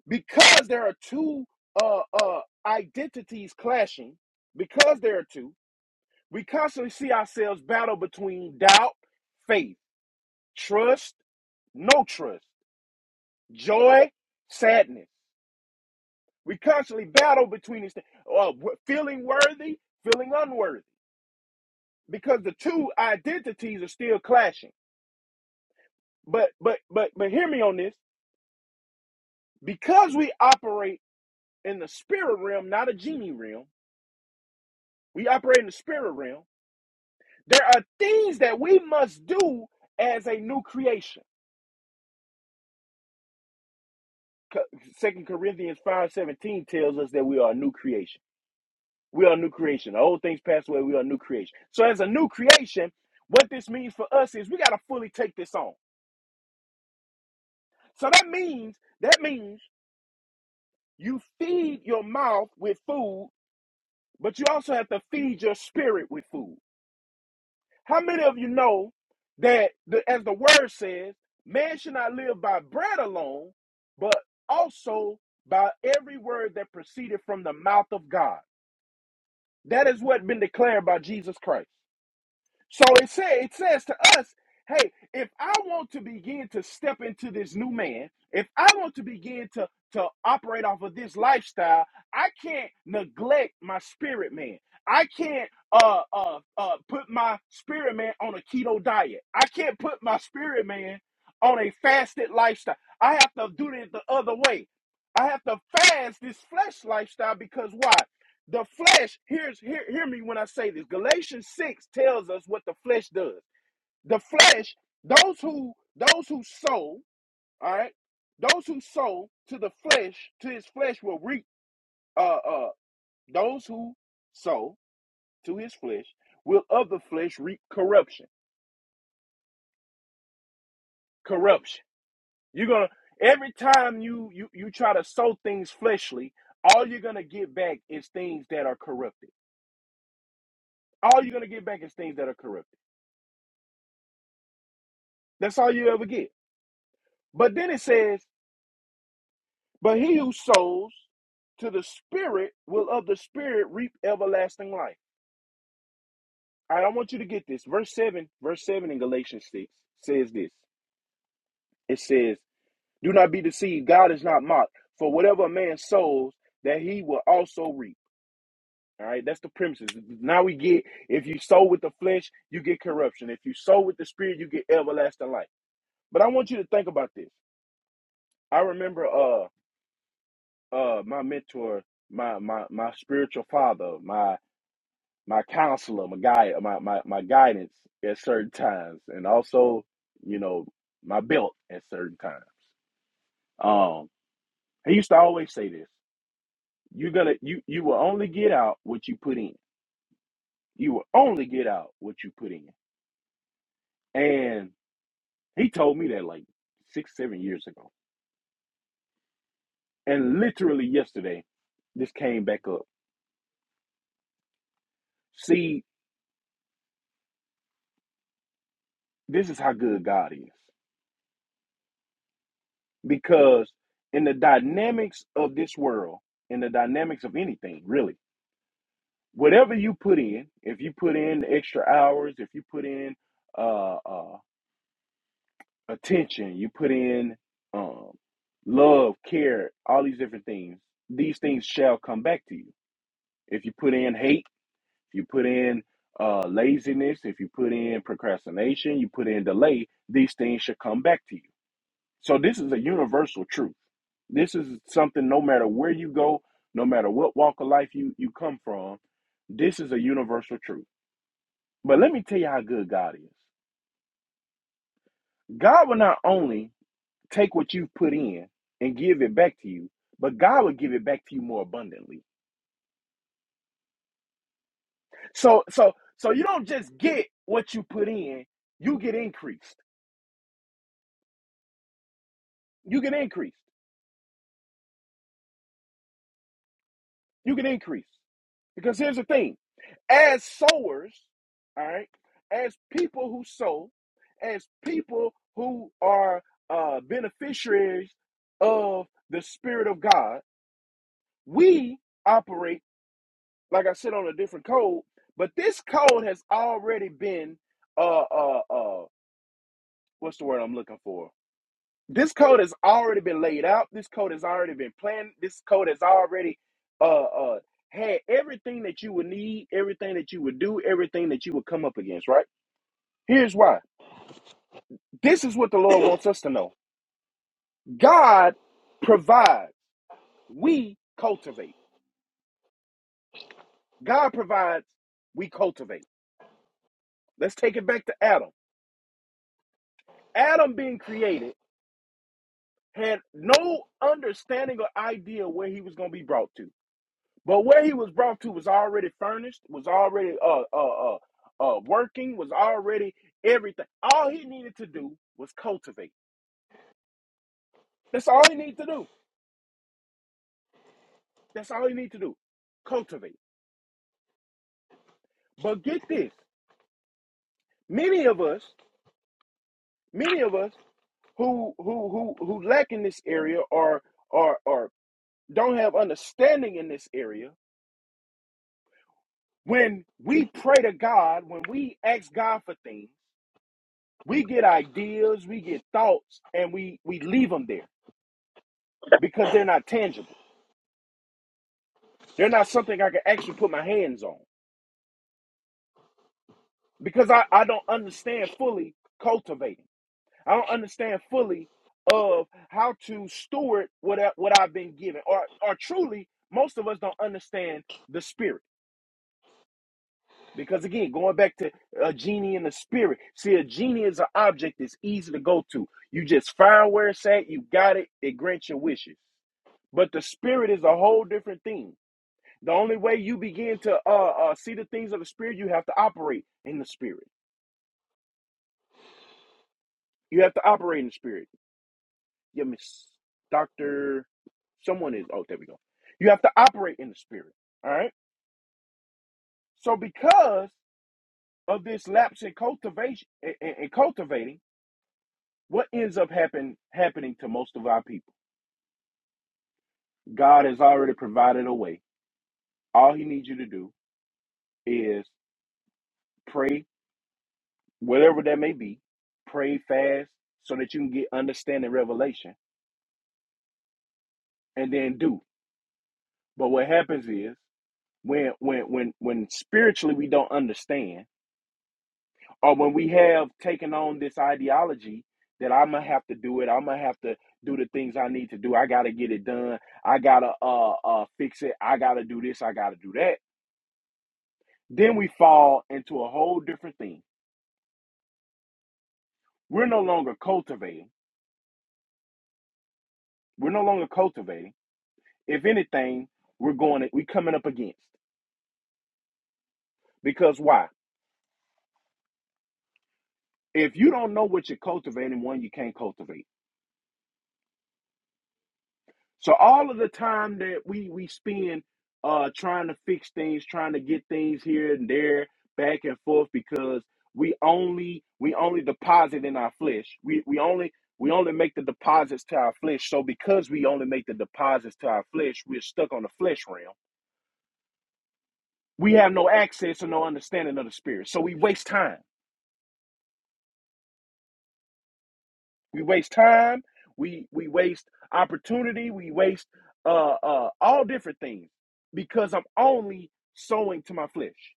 S4: because there are two uh, uh, identities clashing. Because there are two, we constantly see ourselves battle between doubt, faith, trust, no trust, joy, sadness. We constantly battle between these things, uh, feeling worthy, feeling unworthy, because the two identities are still clashing. But but but but hear me on this. Because we operate in the spirit realm, not a genie realm, we operate in the spirit realm. There are things that we must do as a new creation. Second Corinthians 5:17 tells us that we are a new creation. We are a new creation. The old things pass away, we are a new creation. So as a new creation, what this means for us is we got to fully take this on. So that means that means you feed your mouth with food, but you also have to feed your spirit with food. How many of you know that, the, as the word says, man should not live by bread alone, but also by every word that proceeded from the mouth of God? That is what has been declared by Jesus Christ. So it says it says to us, hey, if I want to begin to step into this new man, if I want to begin to to operate off of this lifestyle, I can't neglect my spirit man. I can't uh uh uh put my spirit man on a keto diet. I can't put my spirit man on a fasted lifestyle. I have to do it the other way. I have to fast this flesh lifestyle because why? The flesh, here's hear, hear me when I say this. Galatians 6 tells us what the flesh does. The flesh, those who those who sow, all right, those who sow to the flesh, to his flesh will reap uh uh those who sow to his flesh will of the flesh reap corruption. Corruption. You're gonna every time you you you try to sow things fleshly, all you're gonna get back is things that are corrupted. All you're gonna get back is things that are corrupted. That's all you ever get. But then it says, But he who sows to the Spirit will of the Spirit reap everlasting life. All right, I want you to get this. Verse 7, verse 7 in Galatians 6 says this. It says, Do not be deceived. God is not mocked. For whatever a man sows, that he will also reap. All right, that's the premises. Now we get if you sow with the flesh, you get corruption. If you sow with the spirit, you get everlasting life. But I want you to think about this. I remember uh. uh my mentor, my my my spiritual father, my my counselor, my guy, my my my guidance at certain times, and also you know my belt at certain times. Um, he used to always say this: you're gonna you you will only get out what you put in. You will only get out what you put in. And he told me that like six seven years ago, and literally yesterday, this came back up. See, this is how good God is. because in the dynamics of this world, in the dynamics of anything, really, whatever you put in, if you put in extra hours, if you put in uh, uh, attention, you put in um, love, care, all these different things, these things shall come back to you. If you put in hate, if you put in uh, laziness, if you put in procrastination, you put in delay, these things should come back to you So this is a universal truth. This is something no matter where you go, no matter what walk of life you, you come from, this is a universal truth. But let me tell you how good God is. God will not only take what you've put in and give it back to you, but God will give it back to you more abundantly. So so so you don't just get what you put in, you get increased. You get increased. You can increase. Because here's the thing as sowers, all right, as people who sow, as people who are uh, beneficiaries of the Spirit of God, we operate, like I said, on a different code, but this code has already been, uh, uh, uh, what's the word I'm looking for? this code has already been laid out. This code has already been planned. This code has already uh uh had everything that you would need, everything that you would do, everything that you would come up against, right? Here's why. This is what the Lord wants us to know. God provides, we cultivate. God provides, we cultivate. Let's take it back to Adam. Adam being created had no understanding or idea where he was going to be brought to. But where he was brought to was already furnished, was already uh uh uh, uh working, was already everything. All he needed to do was cultivate. That's all he needed to do. That's all he needed to do. Cultivate. But get this. Many of us, many of us who who who who lack in this area or or or don't have understanding in this area when we pray to god when we ask god for things we get ideas we get thoughts and we we leave them there because they're not tangible. They're not something I can actually put my hands on because I, I don't understand fully cultivating. I don't understand fully of how to steward what, I, what I've been given. Or, or truly, most of us don't understand the spirit. Because again, going back to a genie in the spirit, see, a genie is an object that's easy to go to. You just find where it's at, you got it, it grants your wishes. But the spirit is a whole different thing. The only way you begin to uh, uh, see the things of the spirit, you have to operate in the spirit. You have to operate in the spirit. Yeah, Miss Doctor, someone is. Oh, there we go. You have to operate in the spirit. All right. So because of this lapse in cultivation in, in in cultivating, what ends up happen happening to most of our people? God has already provided a way. All He needs you to do is pray, whatever that may be. Pray fast so that you can get understanding revelation and then do. But what happens is when when when when spiritually we don't understand, or when we have taken on this ideology that I'm gonna have to do it, I'm gonna have to do the things I need to do. I gotta get it done. I gotta uh uh fix it. I gotta do this. I gotta do that. Then we fall into a whole different thing. We're no longer cultivating. We're no longer cultivating. If anything, we're going. to, We coming up against because why? If you don't know what you're cultivating, one you can't cultivate. So all of the time that we we spend uh trying to fix things, trying to get things here and there, back and forth, because we only we only deposit in our flesh. We we only we only make the deposits to our flesh. So because we only make the deposits to our flesh, we're stuck on the flesh realm. We have no access or no understanding of the spirit. So we waste time. We waste time. We we waste opportunity. We waste uh, uh, all different things because I'm only sowing to my flesh.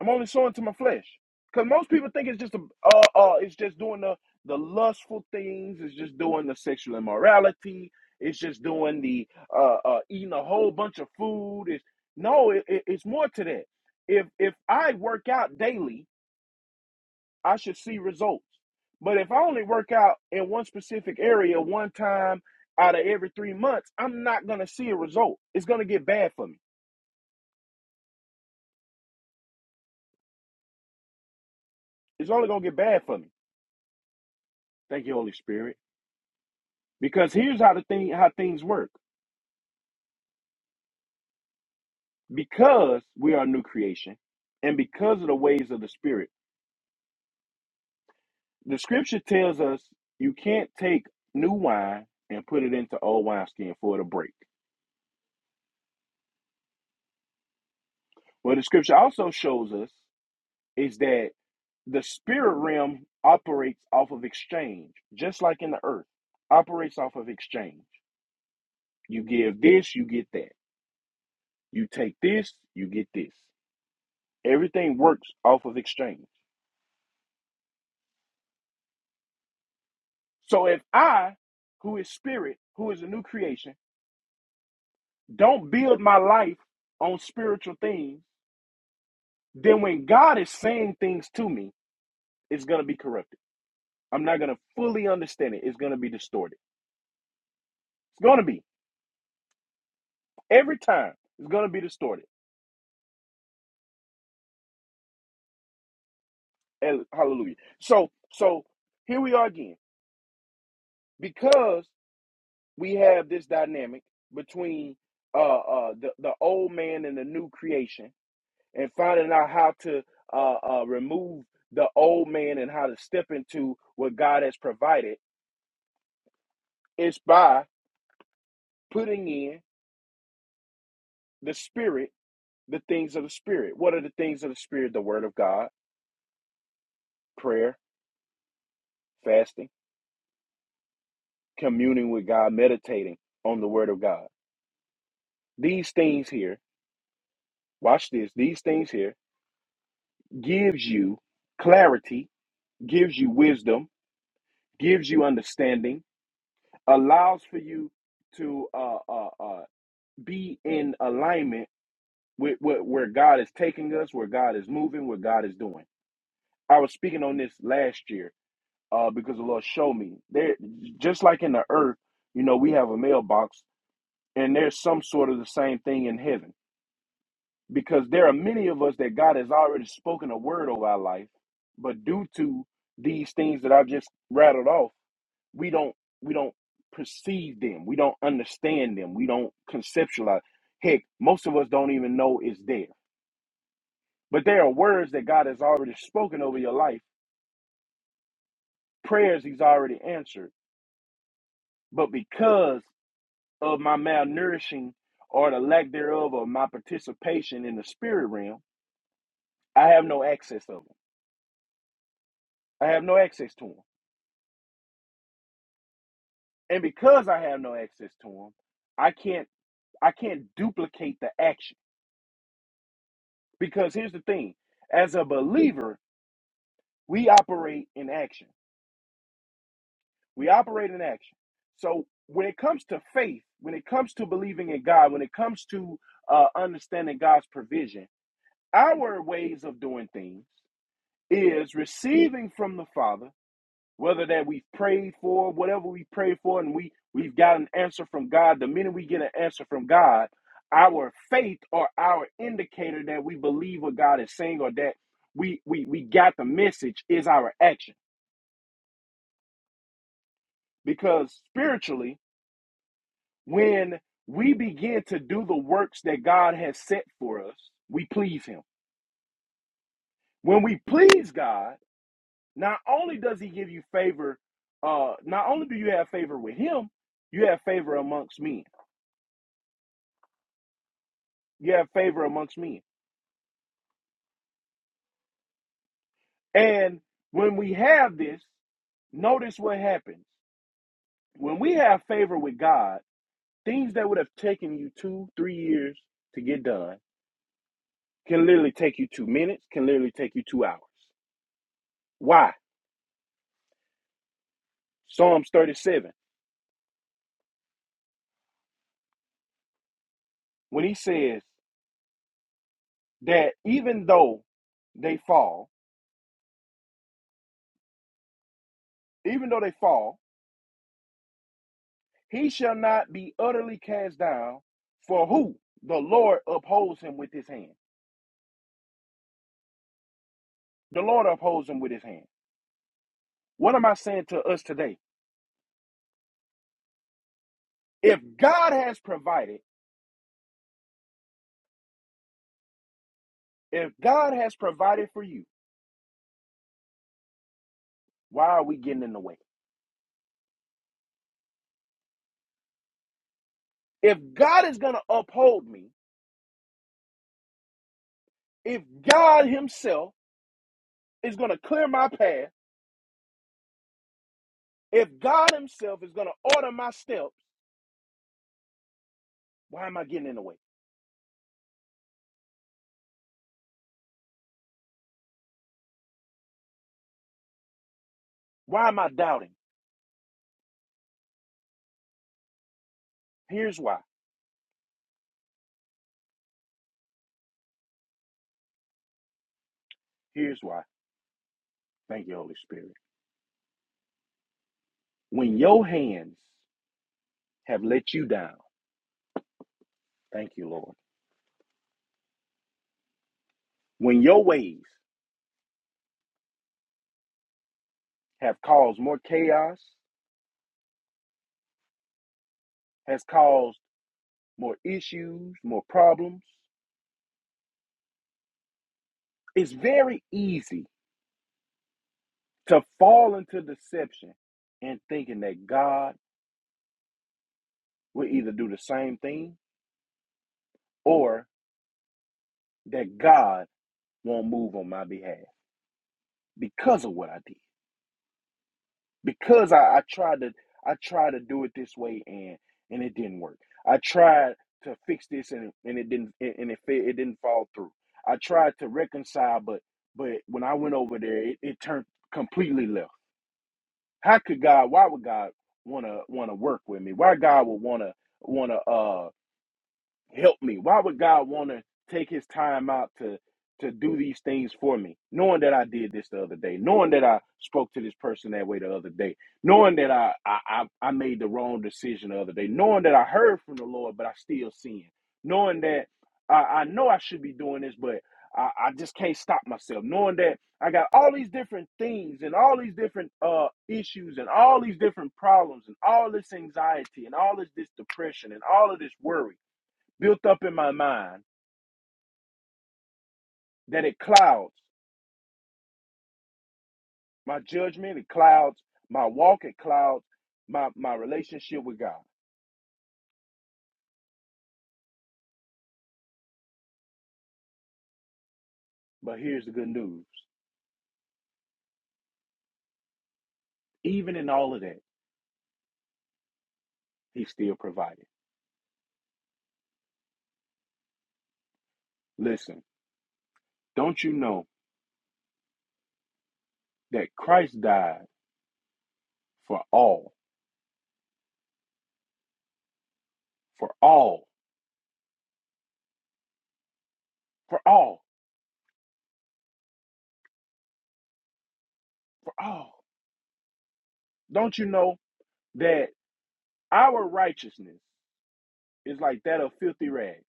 S4: I'm only sowing to my flesh because most people think it's just a, uh, uh, it's just doing the the lustful things. It's just doing the sexual immorality. It's just doing the uh, uh, eating a whole bunch of food. It's no, it, it- it's more to that. If if I work out daily I should see results. But if I only work out in one specific area one time out of every three months, I'm not going to see a result. It's going to get bad for me. It's only going to get bad for me. Thank you, Holy Spirit. Because here's how the thing how things work. Because we are a new creation, and because of the ways of the Spirit, the Scripture tells us you can't take new wine and put it into old wineskin for it to break. What the Scripture also shows us is that The spirit realm operates off of exchange, just like in the earth, operates off of exchange. You give this, you get that. You take this, you get this. Everything works off of exchange. So if I, who is spirit, who is a new creation, don't build my life on spiritual things, then when God is saying things to me, it's going to be corrupted. I'm not going to fully understand it. It's going to be distorted. It's going to be. Every time, it's going to be distorted Hall- Hallelujah. So, so here we are again because we have this dynamic between uh, uh, the the old man and the new creation, and finding out how to uh, uh, remove the old man and how to step into what God has provided. It's by putting in the Spirit, the things of the Spirit. What are the things of the Spirit? The Word of God, prayer, fasting, communing with God, meditating on the Word of God. These things here watch this, these things here gives you clarity, gives you wisdom, gives you understanding, allows for you to uh, uh, uh, be in alignment with, with where God is taking us, where God is moving, what God is doing. I was speaking on this last year uh, because the Lord showed me there, just like in the earth, you know, we have a mailbox and there's some sort of the same thing in heaven because there are many of us that God has already spoken a word over our life, but due to these things that I just rattled off, we don't we don't perceive them, we don't understand them, we don't conceptualize. Heck, most of us don't even know it's there. But there are words that God has already spoken over your life, prayers He's already answered. But because of my malnourishing or the lack thereof of my participation in the spirit realm, I have no access of them. I have no access to them. And because I have no access to them, I can't I can't duplicate the action. Because here's the thing, as a believer, we operate in action. We operate in action. So when it comes to faith, when it comes to believing in God, when it comes to uh, understanding God's provision, our ways of doing things is receiving from the Father whether that we've prayed for, whatever we prayed for, and we we've got an answer from God. The minute we get an answer from God, our faith or our indicator that we believe what God is saying or that we we we got the message is our action. Because spiritually, when we begin to do the works that God has set for us, we please Him. When we please God, not only does He give you favor, uh, not only do you have favor with Him, you have favor amongst men you have favor amongst men. And when we have this, notice what happens. When we have favor with God, things that would have taken you two, three years to get done can literally take you two minutes, can literally take you two hours. Why? Psalms 37, when he says that even though they fall, even though they fall, he shall not be utterly cast down, for who? The Lord upholds him with his hand. The Lord upholds him with his hand. What am I saying to us today? If God has provided, if God has provided for you, why are we getting in the way? If God is going to uphold me, if God Himself is going to clear my path, if God Himself is going to order my steps, why am I getting in the way? Why am I doubting? Here's why. Here's why. Thank you, Holy Spirit. When your hands have let you down, thank you, Lord. When your ways have caused more chaos, has caused more issues, more problems. It's very easy to fall into deception and thinking that God will either do the same thing or that God won't move on my behalf because of what I did. Because I, I tried to I tried to do it this way and and it didn't work. I tried to fix this and and it didn't and it it didn't fall through. I tried to reconcile but but when I went over there it, it turned completely left How could God? Why would God wanna wanna work with me? Why God would wanna wanna uh help me? Why would God want to take his time out to to do these things for me, knowing that I did this the other day, knowing that I spoke to this person that way the other day, knowing that I I, I made the wrong decision the other day, knowing that I heard from the Lord, but I still sin, knowing that I, I know I should be doing this, but I, I just can't stop myself, knowing that I got all these different things and all these different uh, issues and all these different problems and all this anxiety and all this, this depression and all of this worry built up in my mind that it clouds my judgment, it clouds my walk, it clouds my, my relationship with God. But here's the good news even in all of that, He still provided. Listen, don't you know that Christ died for all, for all, for all, for all? Don't you know that our righteousness is like that of filthy rags?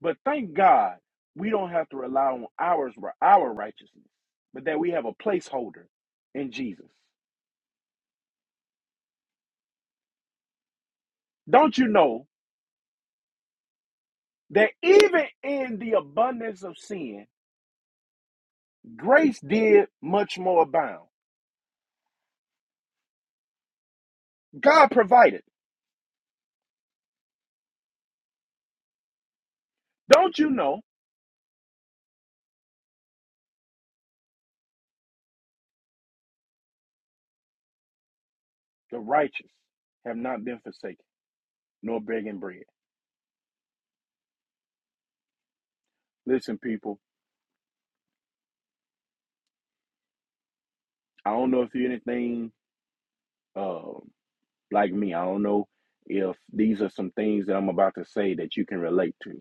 S4: But thank God we don't have to rely on ours for our righteousness, but that we have a placeholder in Jesus. Don't you know that even in the abundance of sin, grace did much more abound? God provided. Don't you know the righteous have not been forsaken, nor begging bread? Listen, people, I don't know if you're anything uh, like me. I don't know if these are some things that I'm about to say that you can relate to.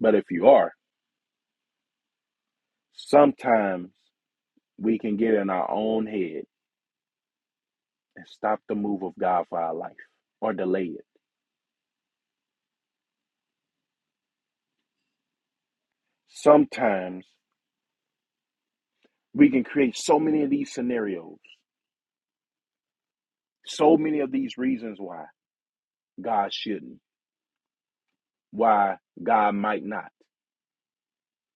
S4: But if you are, Sometimes we can get in our own head and stop the move of God for our life or delay it. Sometimes we can create so many of these scenarios, so many of these reasons why God shouldn't, why God might not,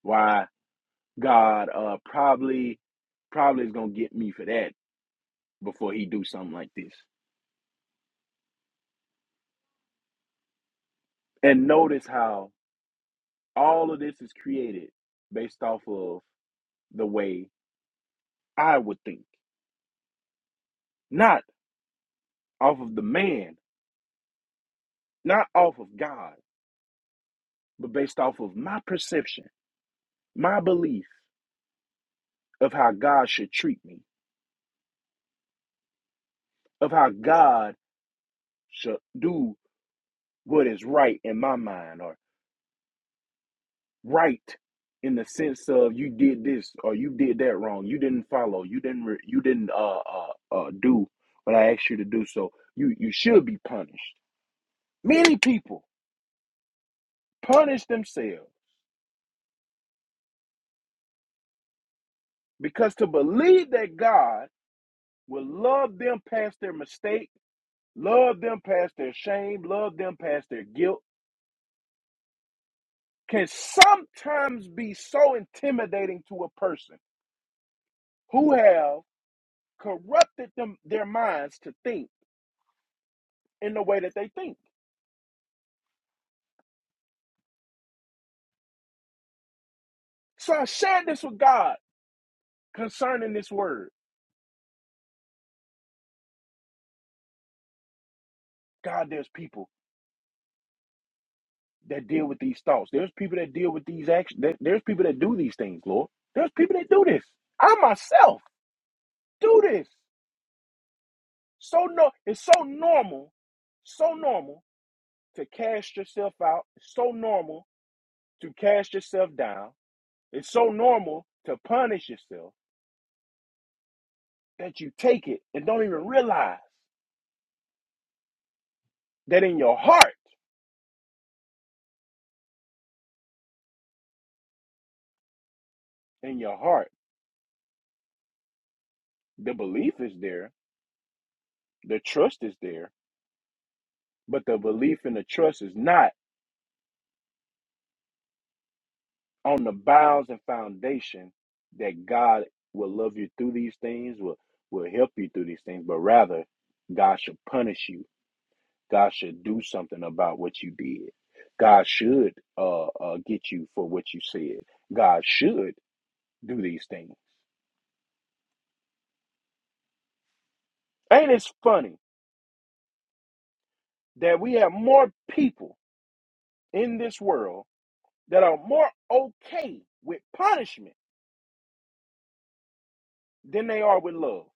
S4: why God uh, probably probably is gonna get me for that before he do something like this. And notice how all of this is created based off of the way I would think, not off of the man not off of God, but based off of my perception, my belief of how God should treat me, of how God should do what is right in my mind, or right in the sense of you did this or you did that wrong, you didn't follow, you didn't re- you didn't uh, uh uh do what I asked you to do, so you you should be punished. Many people punish themselves because to believe that God will love them past their mistake love them past their shame, love them past their guilt, can sometimes be so intimidating to a person who have corrupted them their minds to think in the way that they think. So I shared this with God concerning this word. God, there's people that deal with these thoughts. There's people that deal with these actions. There- There's people that do these things, Lord. There's people that do this. I myself do this. So no, it's so normal, so normal to cast yourself out. It's so normal to cast yourself down. It's so normal to punish yourself that you take it and don't even realize that in your heart, in your heart, the belief is there, the trust is there, but the belief and the trust is not on the bounds and foundation that God will love you through these things, will will help you through these things, but rather God shall punish you God should do something about what you did. God should uh, uh, get you for what you said. God should do these things. Ain't it funny that we have more people in this world that are more okay with punishment than they are with love?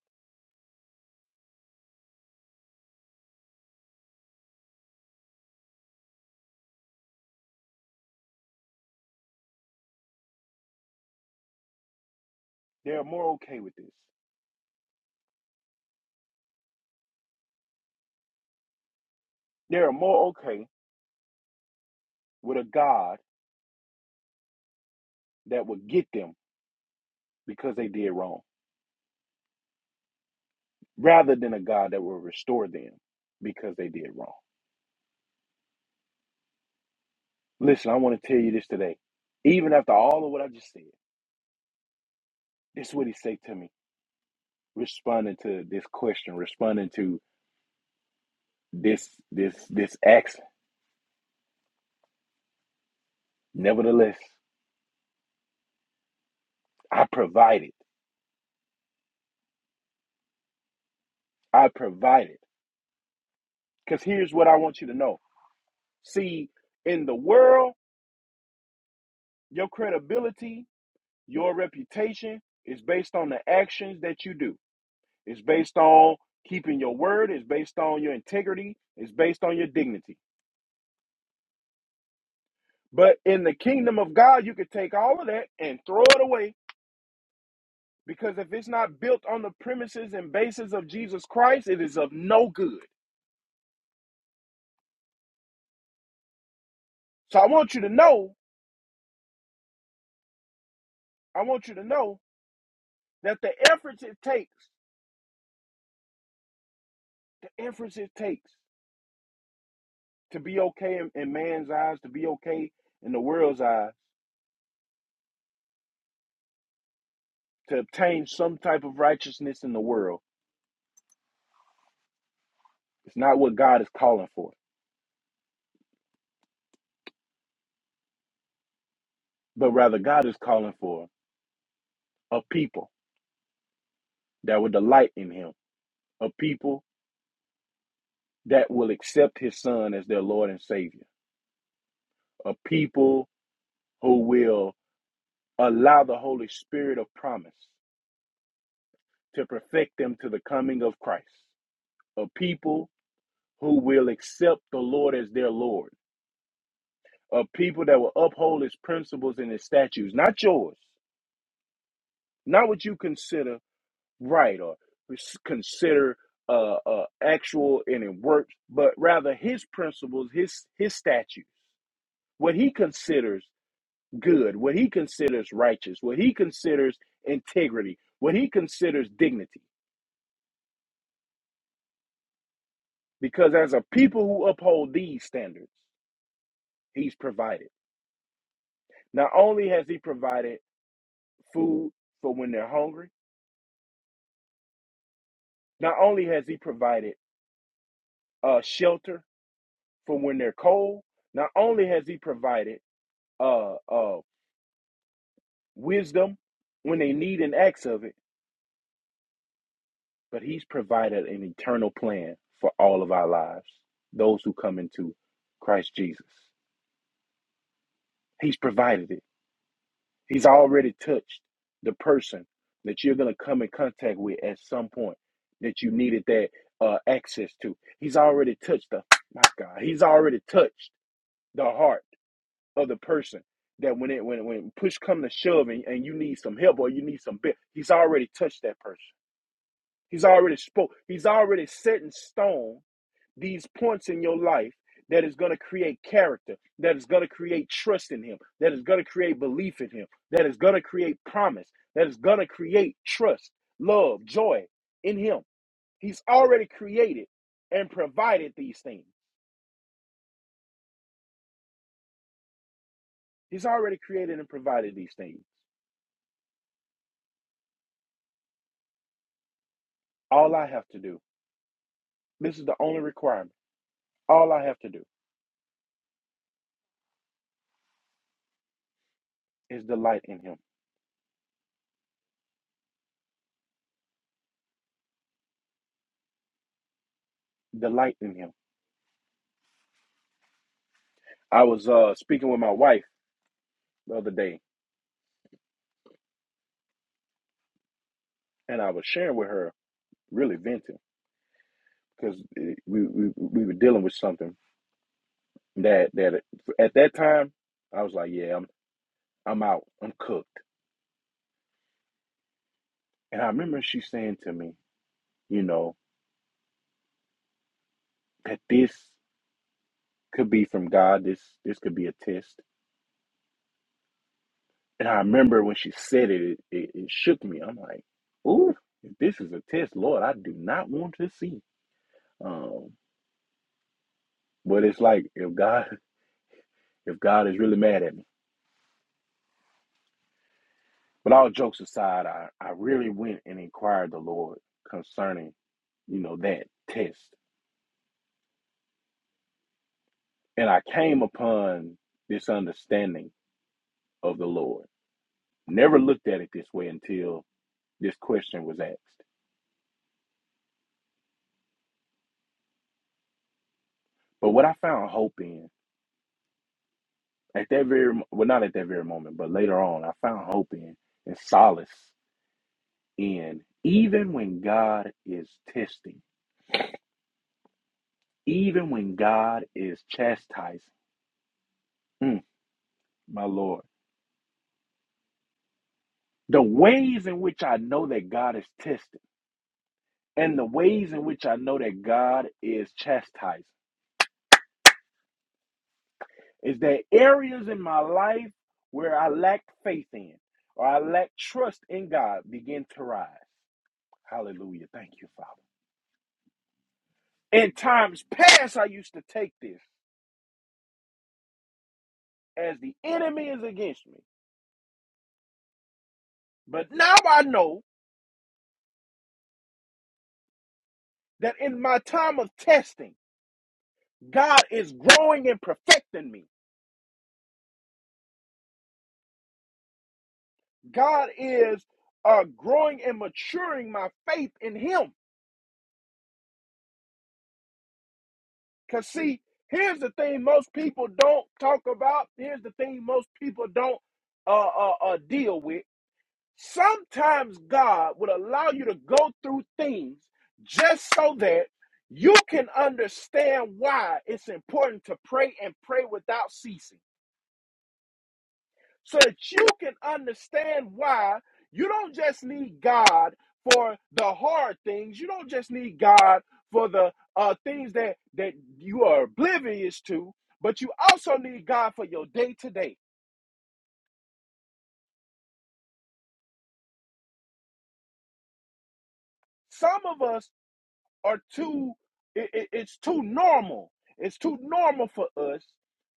S4: They are more okay with this. They are more okay with a God that will get them because they did wrong rather than a God that will restore them because they did wrong. Listen, I want to tell you this today. Even after all of what I just said, this is what he said to me, responding to this question, responding to this this this action. Nevertheless, I provided. I provided. Because here's what I want you to know. See, in the world, your credibility, your reputation is based on the actions that you do. It's based on keeping your word, it's based on your integrity, it's based on your dignity. But in the kingdom of God, you could take all of that and throw it away because if it's not built on the premises and basis of Jesus Christ, it is of no good. So I want you to know, I want you to know that the efforts it takes, the efforts it takes to be okay in, in man's eyes, to be okay in the world's eyes, to obtain some type of righteousness in the world, it's not what God is calling for, but rather God is calling for a people that would delight in Him, a people that will accept his son as their Lord and Savior, a people who will allow the Holy Spirit of promise to perfect them to the coming of Christ, a people who will accept the Lord as their Lord, a people that will uphold his principles and his statutes, not yours, not what you consider right or consider uh, uh, actual and it works, but rather his principles, his his statutes, what he considers good, what he considers righteous, what he considers integrity, what he considers dignity. Because as a people who uphold these standards, he's provided. Not only has he provided food for when they're hungry, not only has he provided uh, shelter for when they're cold, not only has he provided uh, uh, wisdom when they need an axe of it, but he's provided an eternal plan for all of our lives, those who come into Christ Jesus. He's provided it. He's already touched the person that you're going to come in contact with at some point that you needed that uh, access to. He's already touched the my God. He's already touched the heart of the person that when it when when push come to shove and, and you need some help or you need some bit, he's already touched that person. He's already spoke. He's already set in stone these points in your life that is going to create character, that is going to create trust in Him, that is going to create belief in Him, that is going to create promise, that is going to create trust, love, joy in Him. He's already created and provided these things. He's already created and provided these things. All I have to do, this is the only requirement. All I have to do is delight in Him. Delight in Him. I was uh, speaking with my wife the other day, and I was sharing with her, really venting. because we, we we were dealing with something that that at that time I was like, yeah, I'm I'm out, I'm cooked. And I remember she saying to me, you know, that this could be from God. This this could be a test. And I remember when she said it, it, it, it shook me. I'm like, ooh, if this is a test, Lord, I do not want to see. Um, but it's like if God if God is really mad at me. But all jokes aside, I, I really went and inquired the Lord concerning, you know, that test. And I came upon this understanding of the Lord. Never looked at it this way until this question was asked. But what I found hope in at that very well, not at that very moment, but later on, I found hope in and solace in even when God is testing, even when God is chastising. Mm, my Lord. The ways in which I know that God is testing and the ways in which I know that God is chastising is that areas in my life where I lacked faith in or I lacked trust in God begin to rise. Hallelujah. Thank you, Father. In times past, I used to take this as the enemy is against me. But now I know that in my time of testing, God is growing and perfecting me. God is uh, growing and maturing my faith in Him. Because, see, here's the thing most people don't talk about, here's the thing most people don't uh, uh, uh, deal with. Sometimes God would allow you to go through things just so that you can understand why it's important to pray and pray without ceasing. so that you can understand why you don't just need God for the hard things. You don't just need God for the uh, things that that you are oblivious to, but you also need God for your day to day. Some of us are too it, it- it's too normal it's too normal for us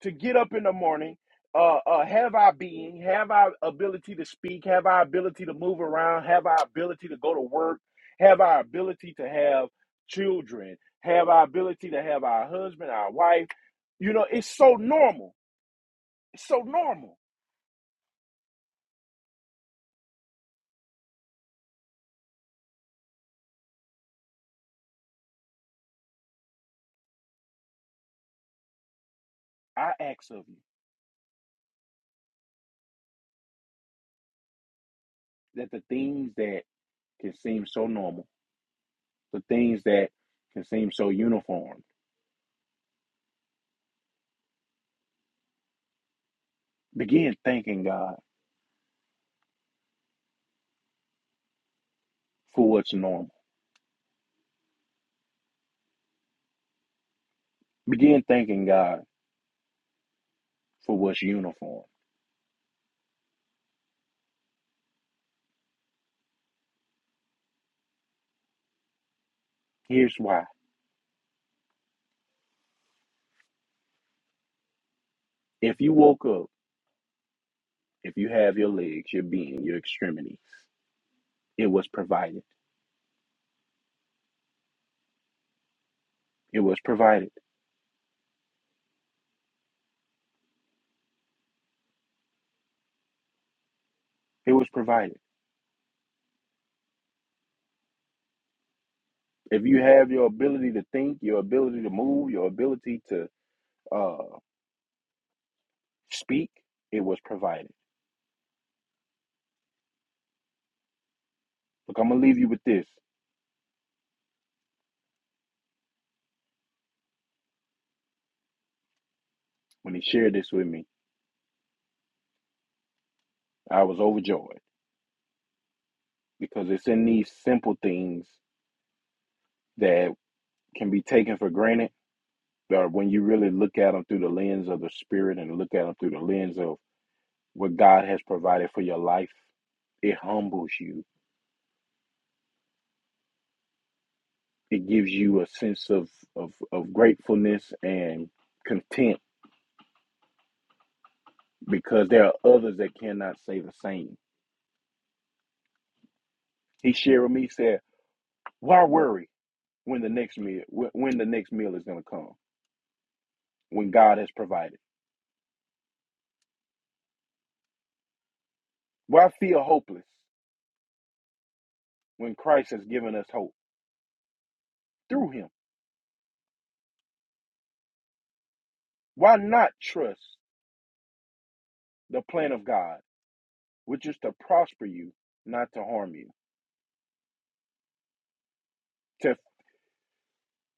S4: to get up in the morning uh, uh have our being have our ability to speak have our ability to move around have our ability to go to work have our ability to have children have our ability to have our husband our wife you know it's so normal it's so normal i ask of you that the things that can seem so normal the things that can seem so uniform begin thanking god for what's normal. Begin thanking God for what's uniform. Here's why. If you woke up, if you have your legs, your being, your extremities, it was provided. It was provided. It was provided. If you have your ability to think, your ability to move, your ability to uh, speak, it was provided. Look, I'm going to leave you with this. When he shared this with me, I was overjoyed because it's in these simple things that can be taken for granted Or when you really look at them through the lens of the spirit and look at them through the lens of what God has provided for your life, it humbles you. It gives you a sense of, of, of gratefulness and content because there are others that cannot say the same. He shared with me, he said, Why worry when the next meal when the next meal is gonna come, when God has provided? Why feel hopeless when Christ has given us hope through him? Why not trust the plan of God? which is to prosper you, not to harm you, to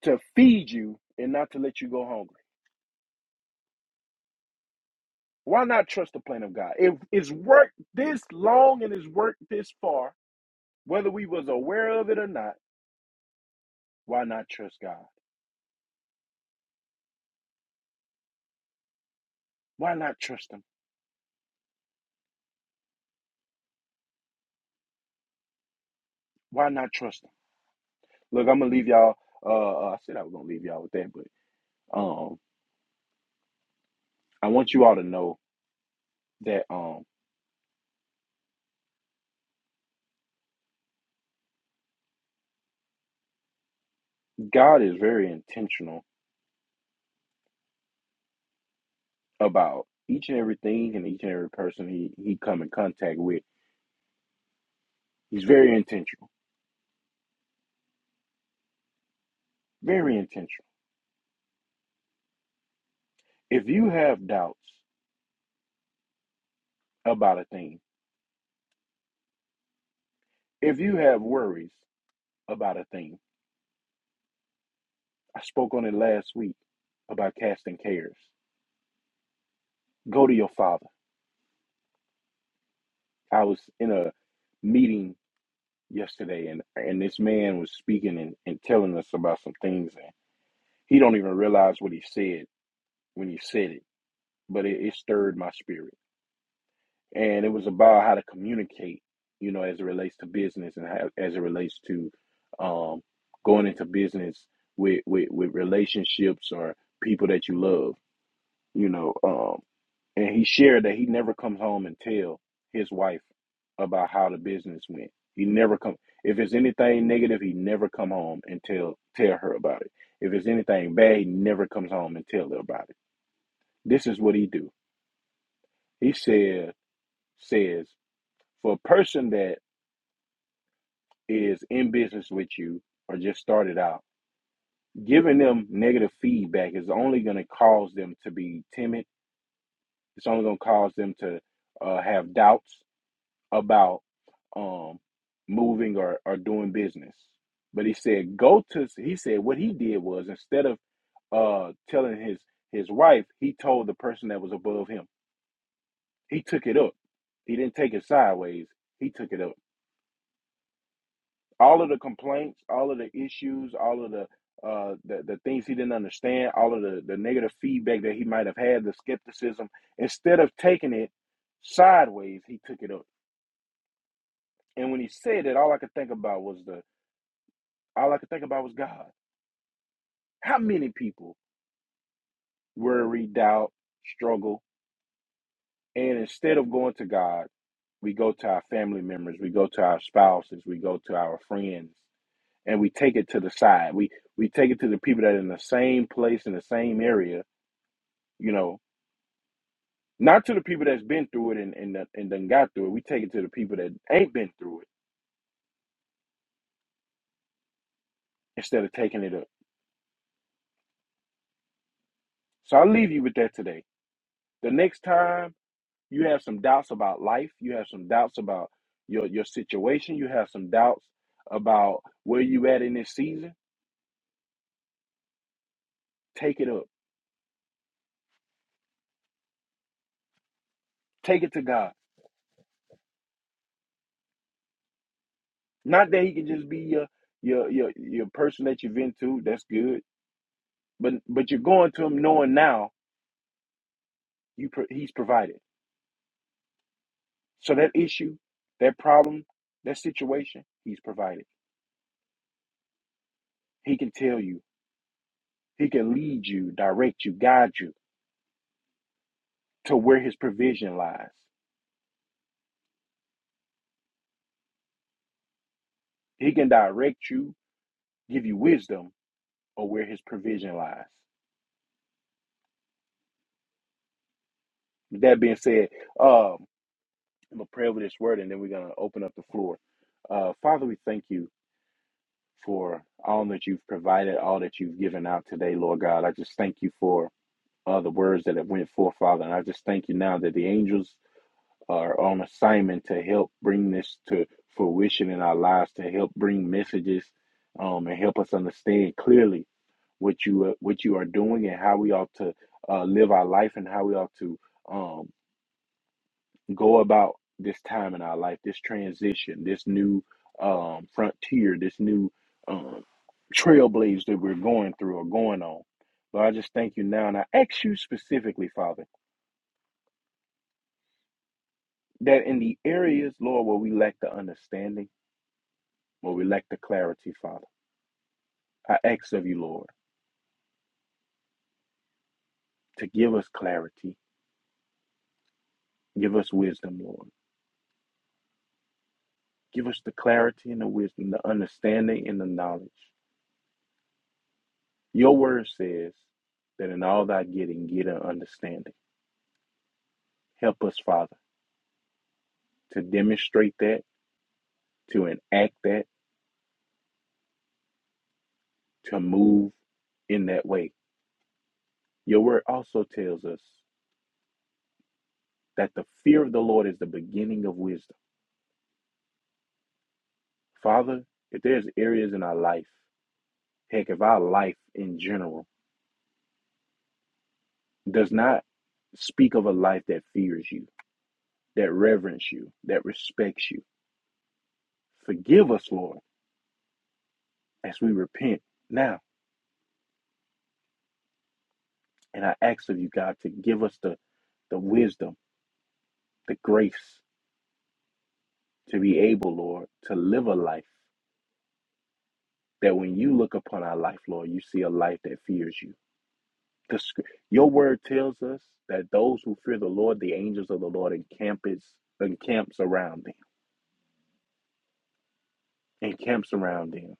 S4: to feed you and not to let you go hungry. Why not trust the plan of God? If it's worked this long and it's worked this far, whether we was aware of it or not, why not trust God? Why not trust Him? Why not trust Him? Look, I'm gonna leave y'all. Uh, uh, I said I was gonna leave y'all with that, but um, I want you all to know that um, God is very intentional about each and everything and each and every person he he come in contact with. He's very intentional Very intentional. If you have doubts about a thing, if you have worries about a thing, I spoke on it last week about casting cares. Go to your father. I was in a meeting yesterday and, and this man was speaking and, and telling us about some things and he don't even realize what he said when he said it, but it, it stirred my spirit. and it was about how to communicate, you know, as it relates to business and how, as it relates to um, going into business with, with with relationships or people that you love, you know. Um, and he shared that he never comes home and tell his wife about how the business went. He never come if it's anything negative, he never come home and tell tell her about it. If it's anything bad, he never comes home and tell her about it. This is what he do. He said says for a person that is in business with you or just started out, giving them negative feedback is only going to cause them to be timid. It's only going to cause them to uh, have doubts about um, moving or, or doing business. But he said, go to, he said what he did was instead of uh, telling his, his wife, he told the person that was above him. He took it up. He didn't take it sideways. He took it up all of the complaints, all of the issues, all of the uh the, the things he didn't understand, all of the, the negative feedback that he might have had, the skepticism, instead of taking it sideways, he took it up. And when he said it, all I could think about was the all I could think about was God. How many people worry, doubt, struggle, and instead of going to God, we go to our family members, we go to our spouses, we go to our friends and we take it to the side. We we take it to the people that are in the same place in the same area, you know, not to the people that's been through it and and uh, and done got through it. We take it to the people that ain't been through it instead of taking it up. So I'll leave you with that today. The next time you have some doubts about life, you have some doubts about your your situation, you have some doubts about where you at in this season, take it up. Take it to God. Not that he can just be your your your your person that you've been to, that's good but but you're going to him knowing now you pro- he's provided. So that issue, that problem, that situation, he's provided. He can tell you, he can lead you, direct you, guide you to where his provision lies. He can direct you, give you wisdom of where his provision lies. With that being said, um, I'm gonna pray over this word and then we're gonna open up the floor. Uh, Father, we thank you for all that you've provided, all that you've given out today, Lord God. I just thank you for uh, the words that have went forth, Father. And I just thank you now that the angels are on assignment to help bring this to fruition in our lives, to help bring messages um, and help us understand clearly what you uh, what you are doing and how we ought to uh, live our life and how we ought to um, go about this time in our life, this transition, this new um, frontier, this new um, trailblaze that we're going through or going on. But I just thank you now, and I ask you specifically, Father. that in the areas, Lord, where we lack the understanding, where we lack the clarity, Father, I ask of you, Lord, to give us clarity, give us wisdom, Lord. Give us the clarity and the wisdom, the understanding and the knowledge. Your word says that in all thy getting, get an understanding. Help us, Father, to demonstrate that, to enact that, to move in that way. Your word also tells us that the fear of the Lord is the beginning of wisdom. Father, if there's areas in our life Heck, if our life in general does not speak of a life that fears you, that reverence you, that respects you, forgive us, Lord, as we repent now. And I ask of you, God, to give us the, the wisdom, the grace to be able, Lord, to live a life that when you look upon our life, Lord, you see a life that fears you. The, sc- your word tells us that those who fear the Lord, the angels of the Lord, encamp, is, encamps around them, encamps around them.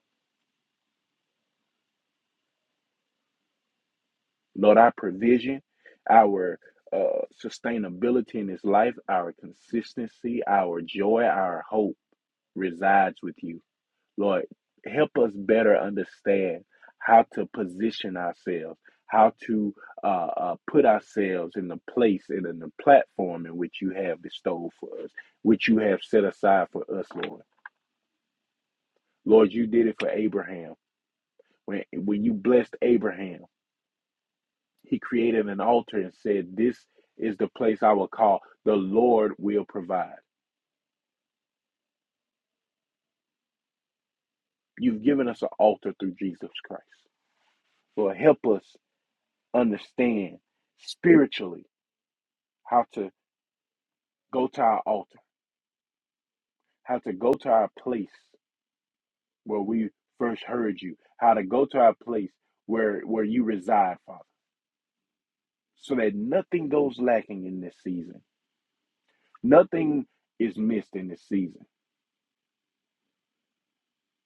S4: Lord, our provision, our uh, sustainability in this life, our consistency, our joy, our hope resides with you. Lord, help us better understand how to position ourselves, how to uh, uh, put ourselves in the place and in the platform in which you have bestowed for us, which you have set aside for us, Lord. Lord, you did it for Abraham. When, when you blessed Abraham, he created an altar and said, This is the place I will call, the Lord will provide. You've given us an altar through Jesus Christ. Lord, help us understand spiritually how to go to our altar, how to go to our place where we first heard you, how to go to our place where, where you reside, Father, so that nothing goes lacking in this season. Nothing is missed in this season.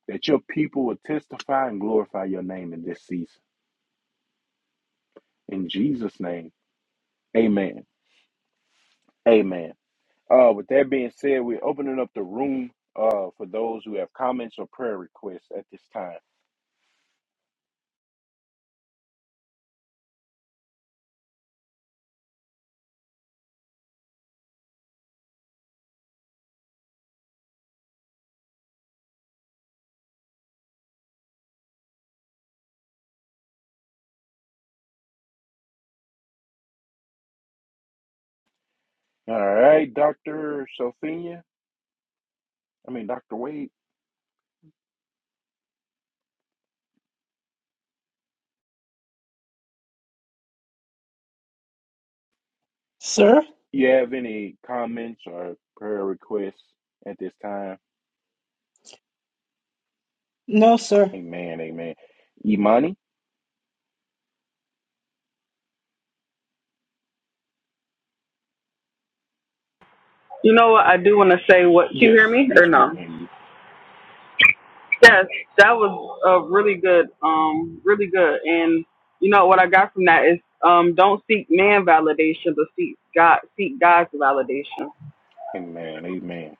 S4: That your people will testify and glorify your name in this season. In Jesus' name, amen. Amen. Uh, with that being said, we're opening up the room uh, for those who have comments or prayer requests at this time. All right, Dr. Sophia, I mean, Dr. Wade,
S2: Sir?
S4: you have any comments or prayer requests at this time?
S2: No, sir.
S4: Amen. Amen. Imani?
S3: You know what? I do want to say what. Can you
S4: Yes.
S3: hear me
S4: Yes,
S3: or
S4: we can
S3: no?
S4: hear you.
S3: Yes, that was uh, really good. Um, really good. And you know what I got from that is um, don't seek man validation, but seek God, seek God's validation.
S4: Amen. Amen.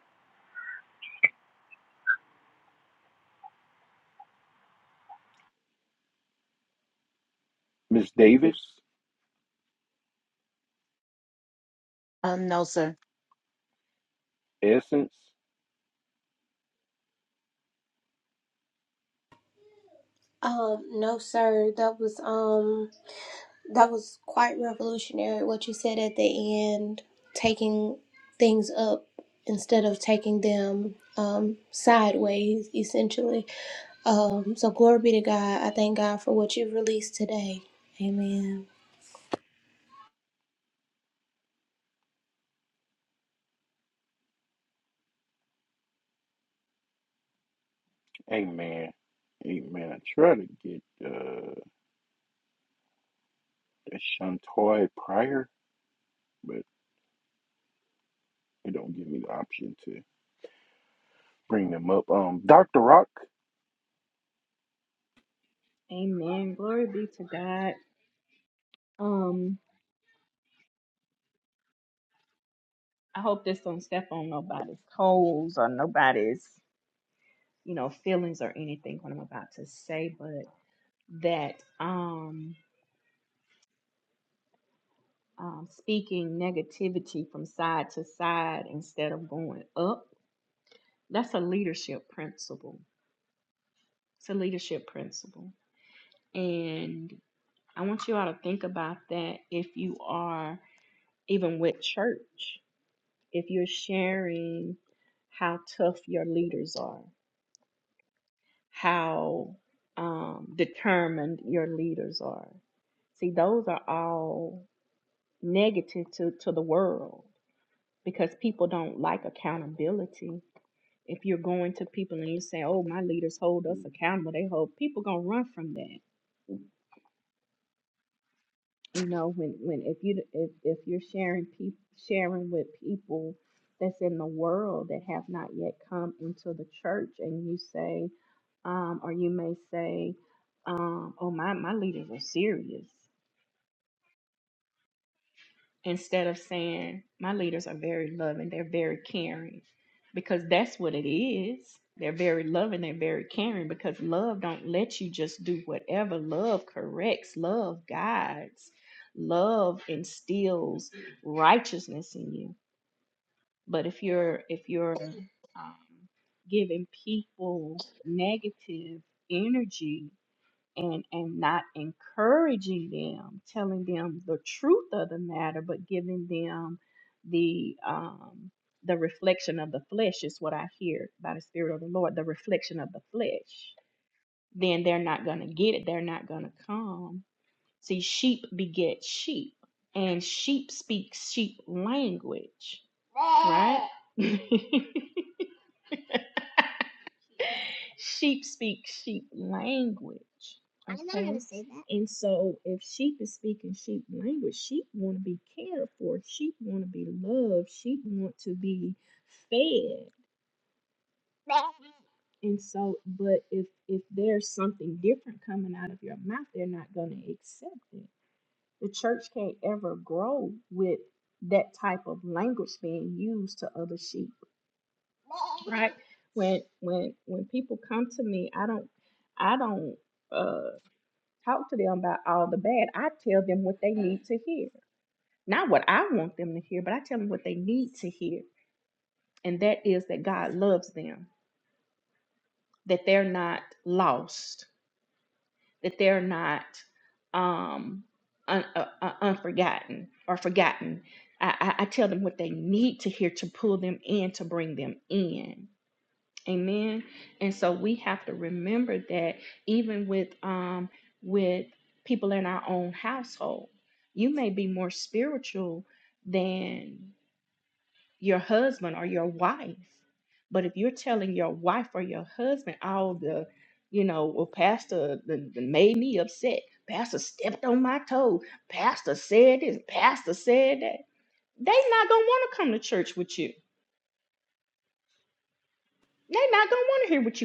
S4: Miss Davis,
S6: Um, no, sir.
S4: Essence?
S5: Um, no, sir. That was um That was quite revolutionary what you said at the end, taking things up instead of taking them um, sideways, essentially. Um, so, glory be to God. I thank God for what you've released today. Amen.
S4: Amen. Amen. I try to get uh, Shantoy Pryor. It don't give me the option to bring them up. Um, Dr. Rock.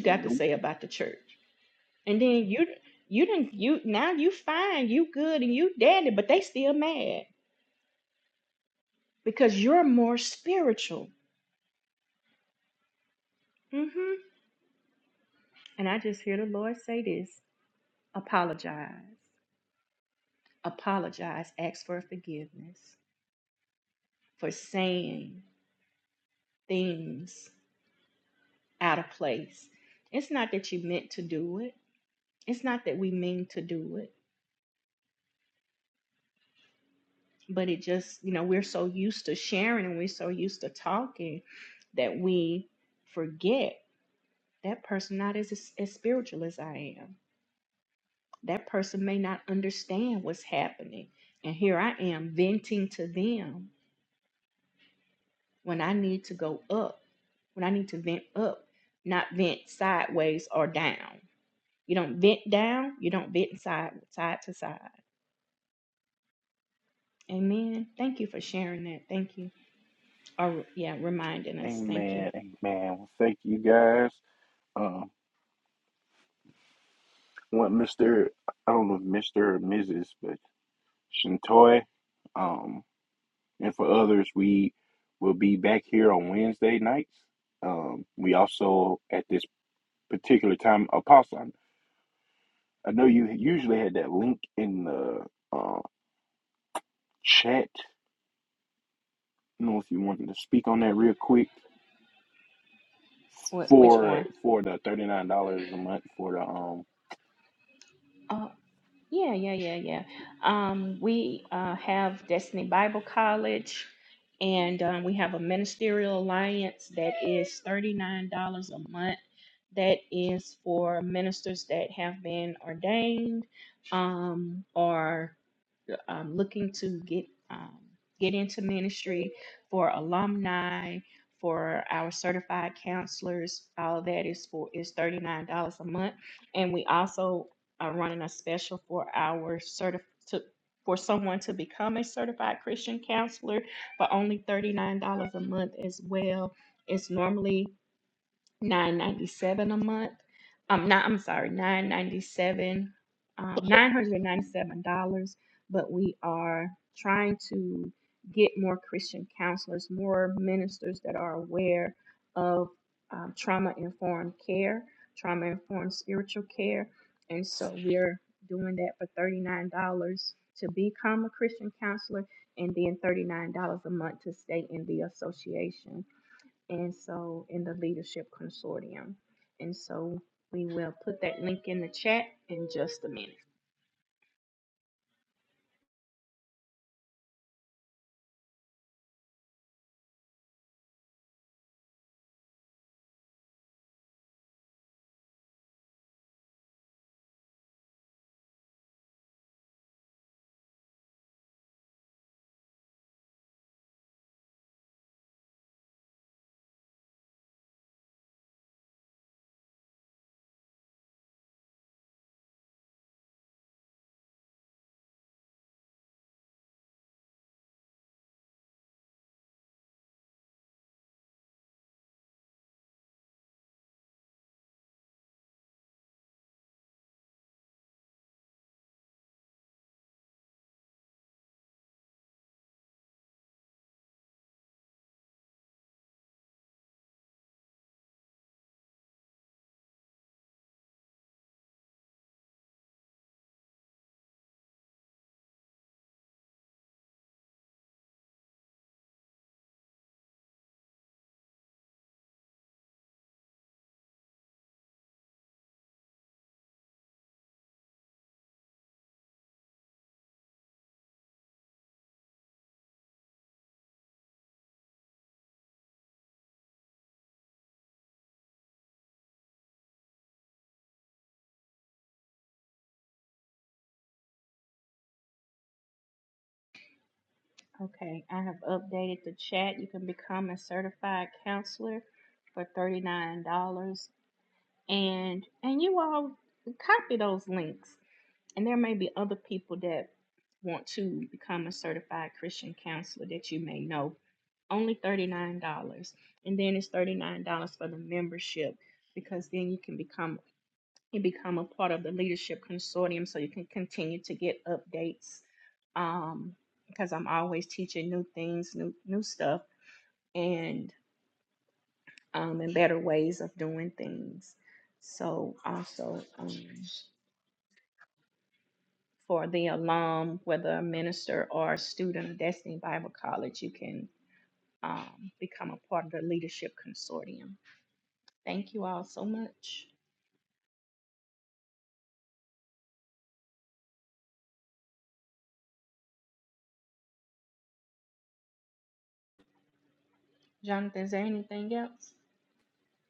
S4: Nope. Amen. Amen. Well, thank you guys. Um, what Mr. I don't know if Mr. or Mrs. but Shintoy. Um, and for others, we will be back here on Wednesday nights. Um, we also at this particular time, Apostle. I, I know you usually had that link in the uh, chat. I don't know if you wanted to speak on that real quick. for for the thirty nine dollars a month for the um.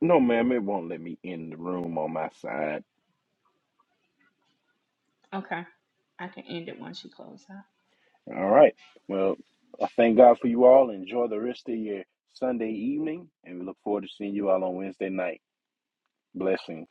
S4: No, ma'am, it won't let me in the room on my side. All right. Well, I thank God for you all. Enjoy the rest of your Sunday evening, and we look forward to seeing you all on Wednesday night. Blessings.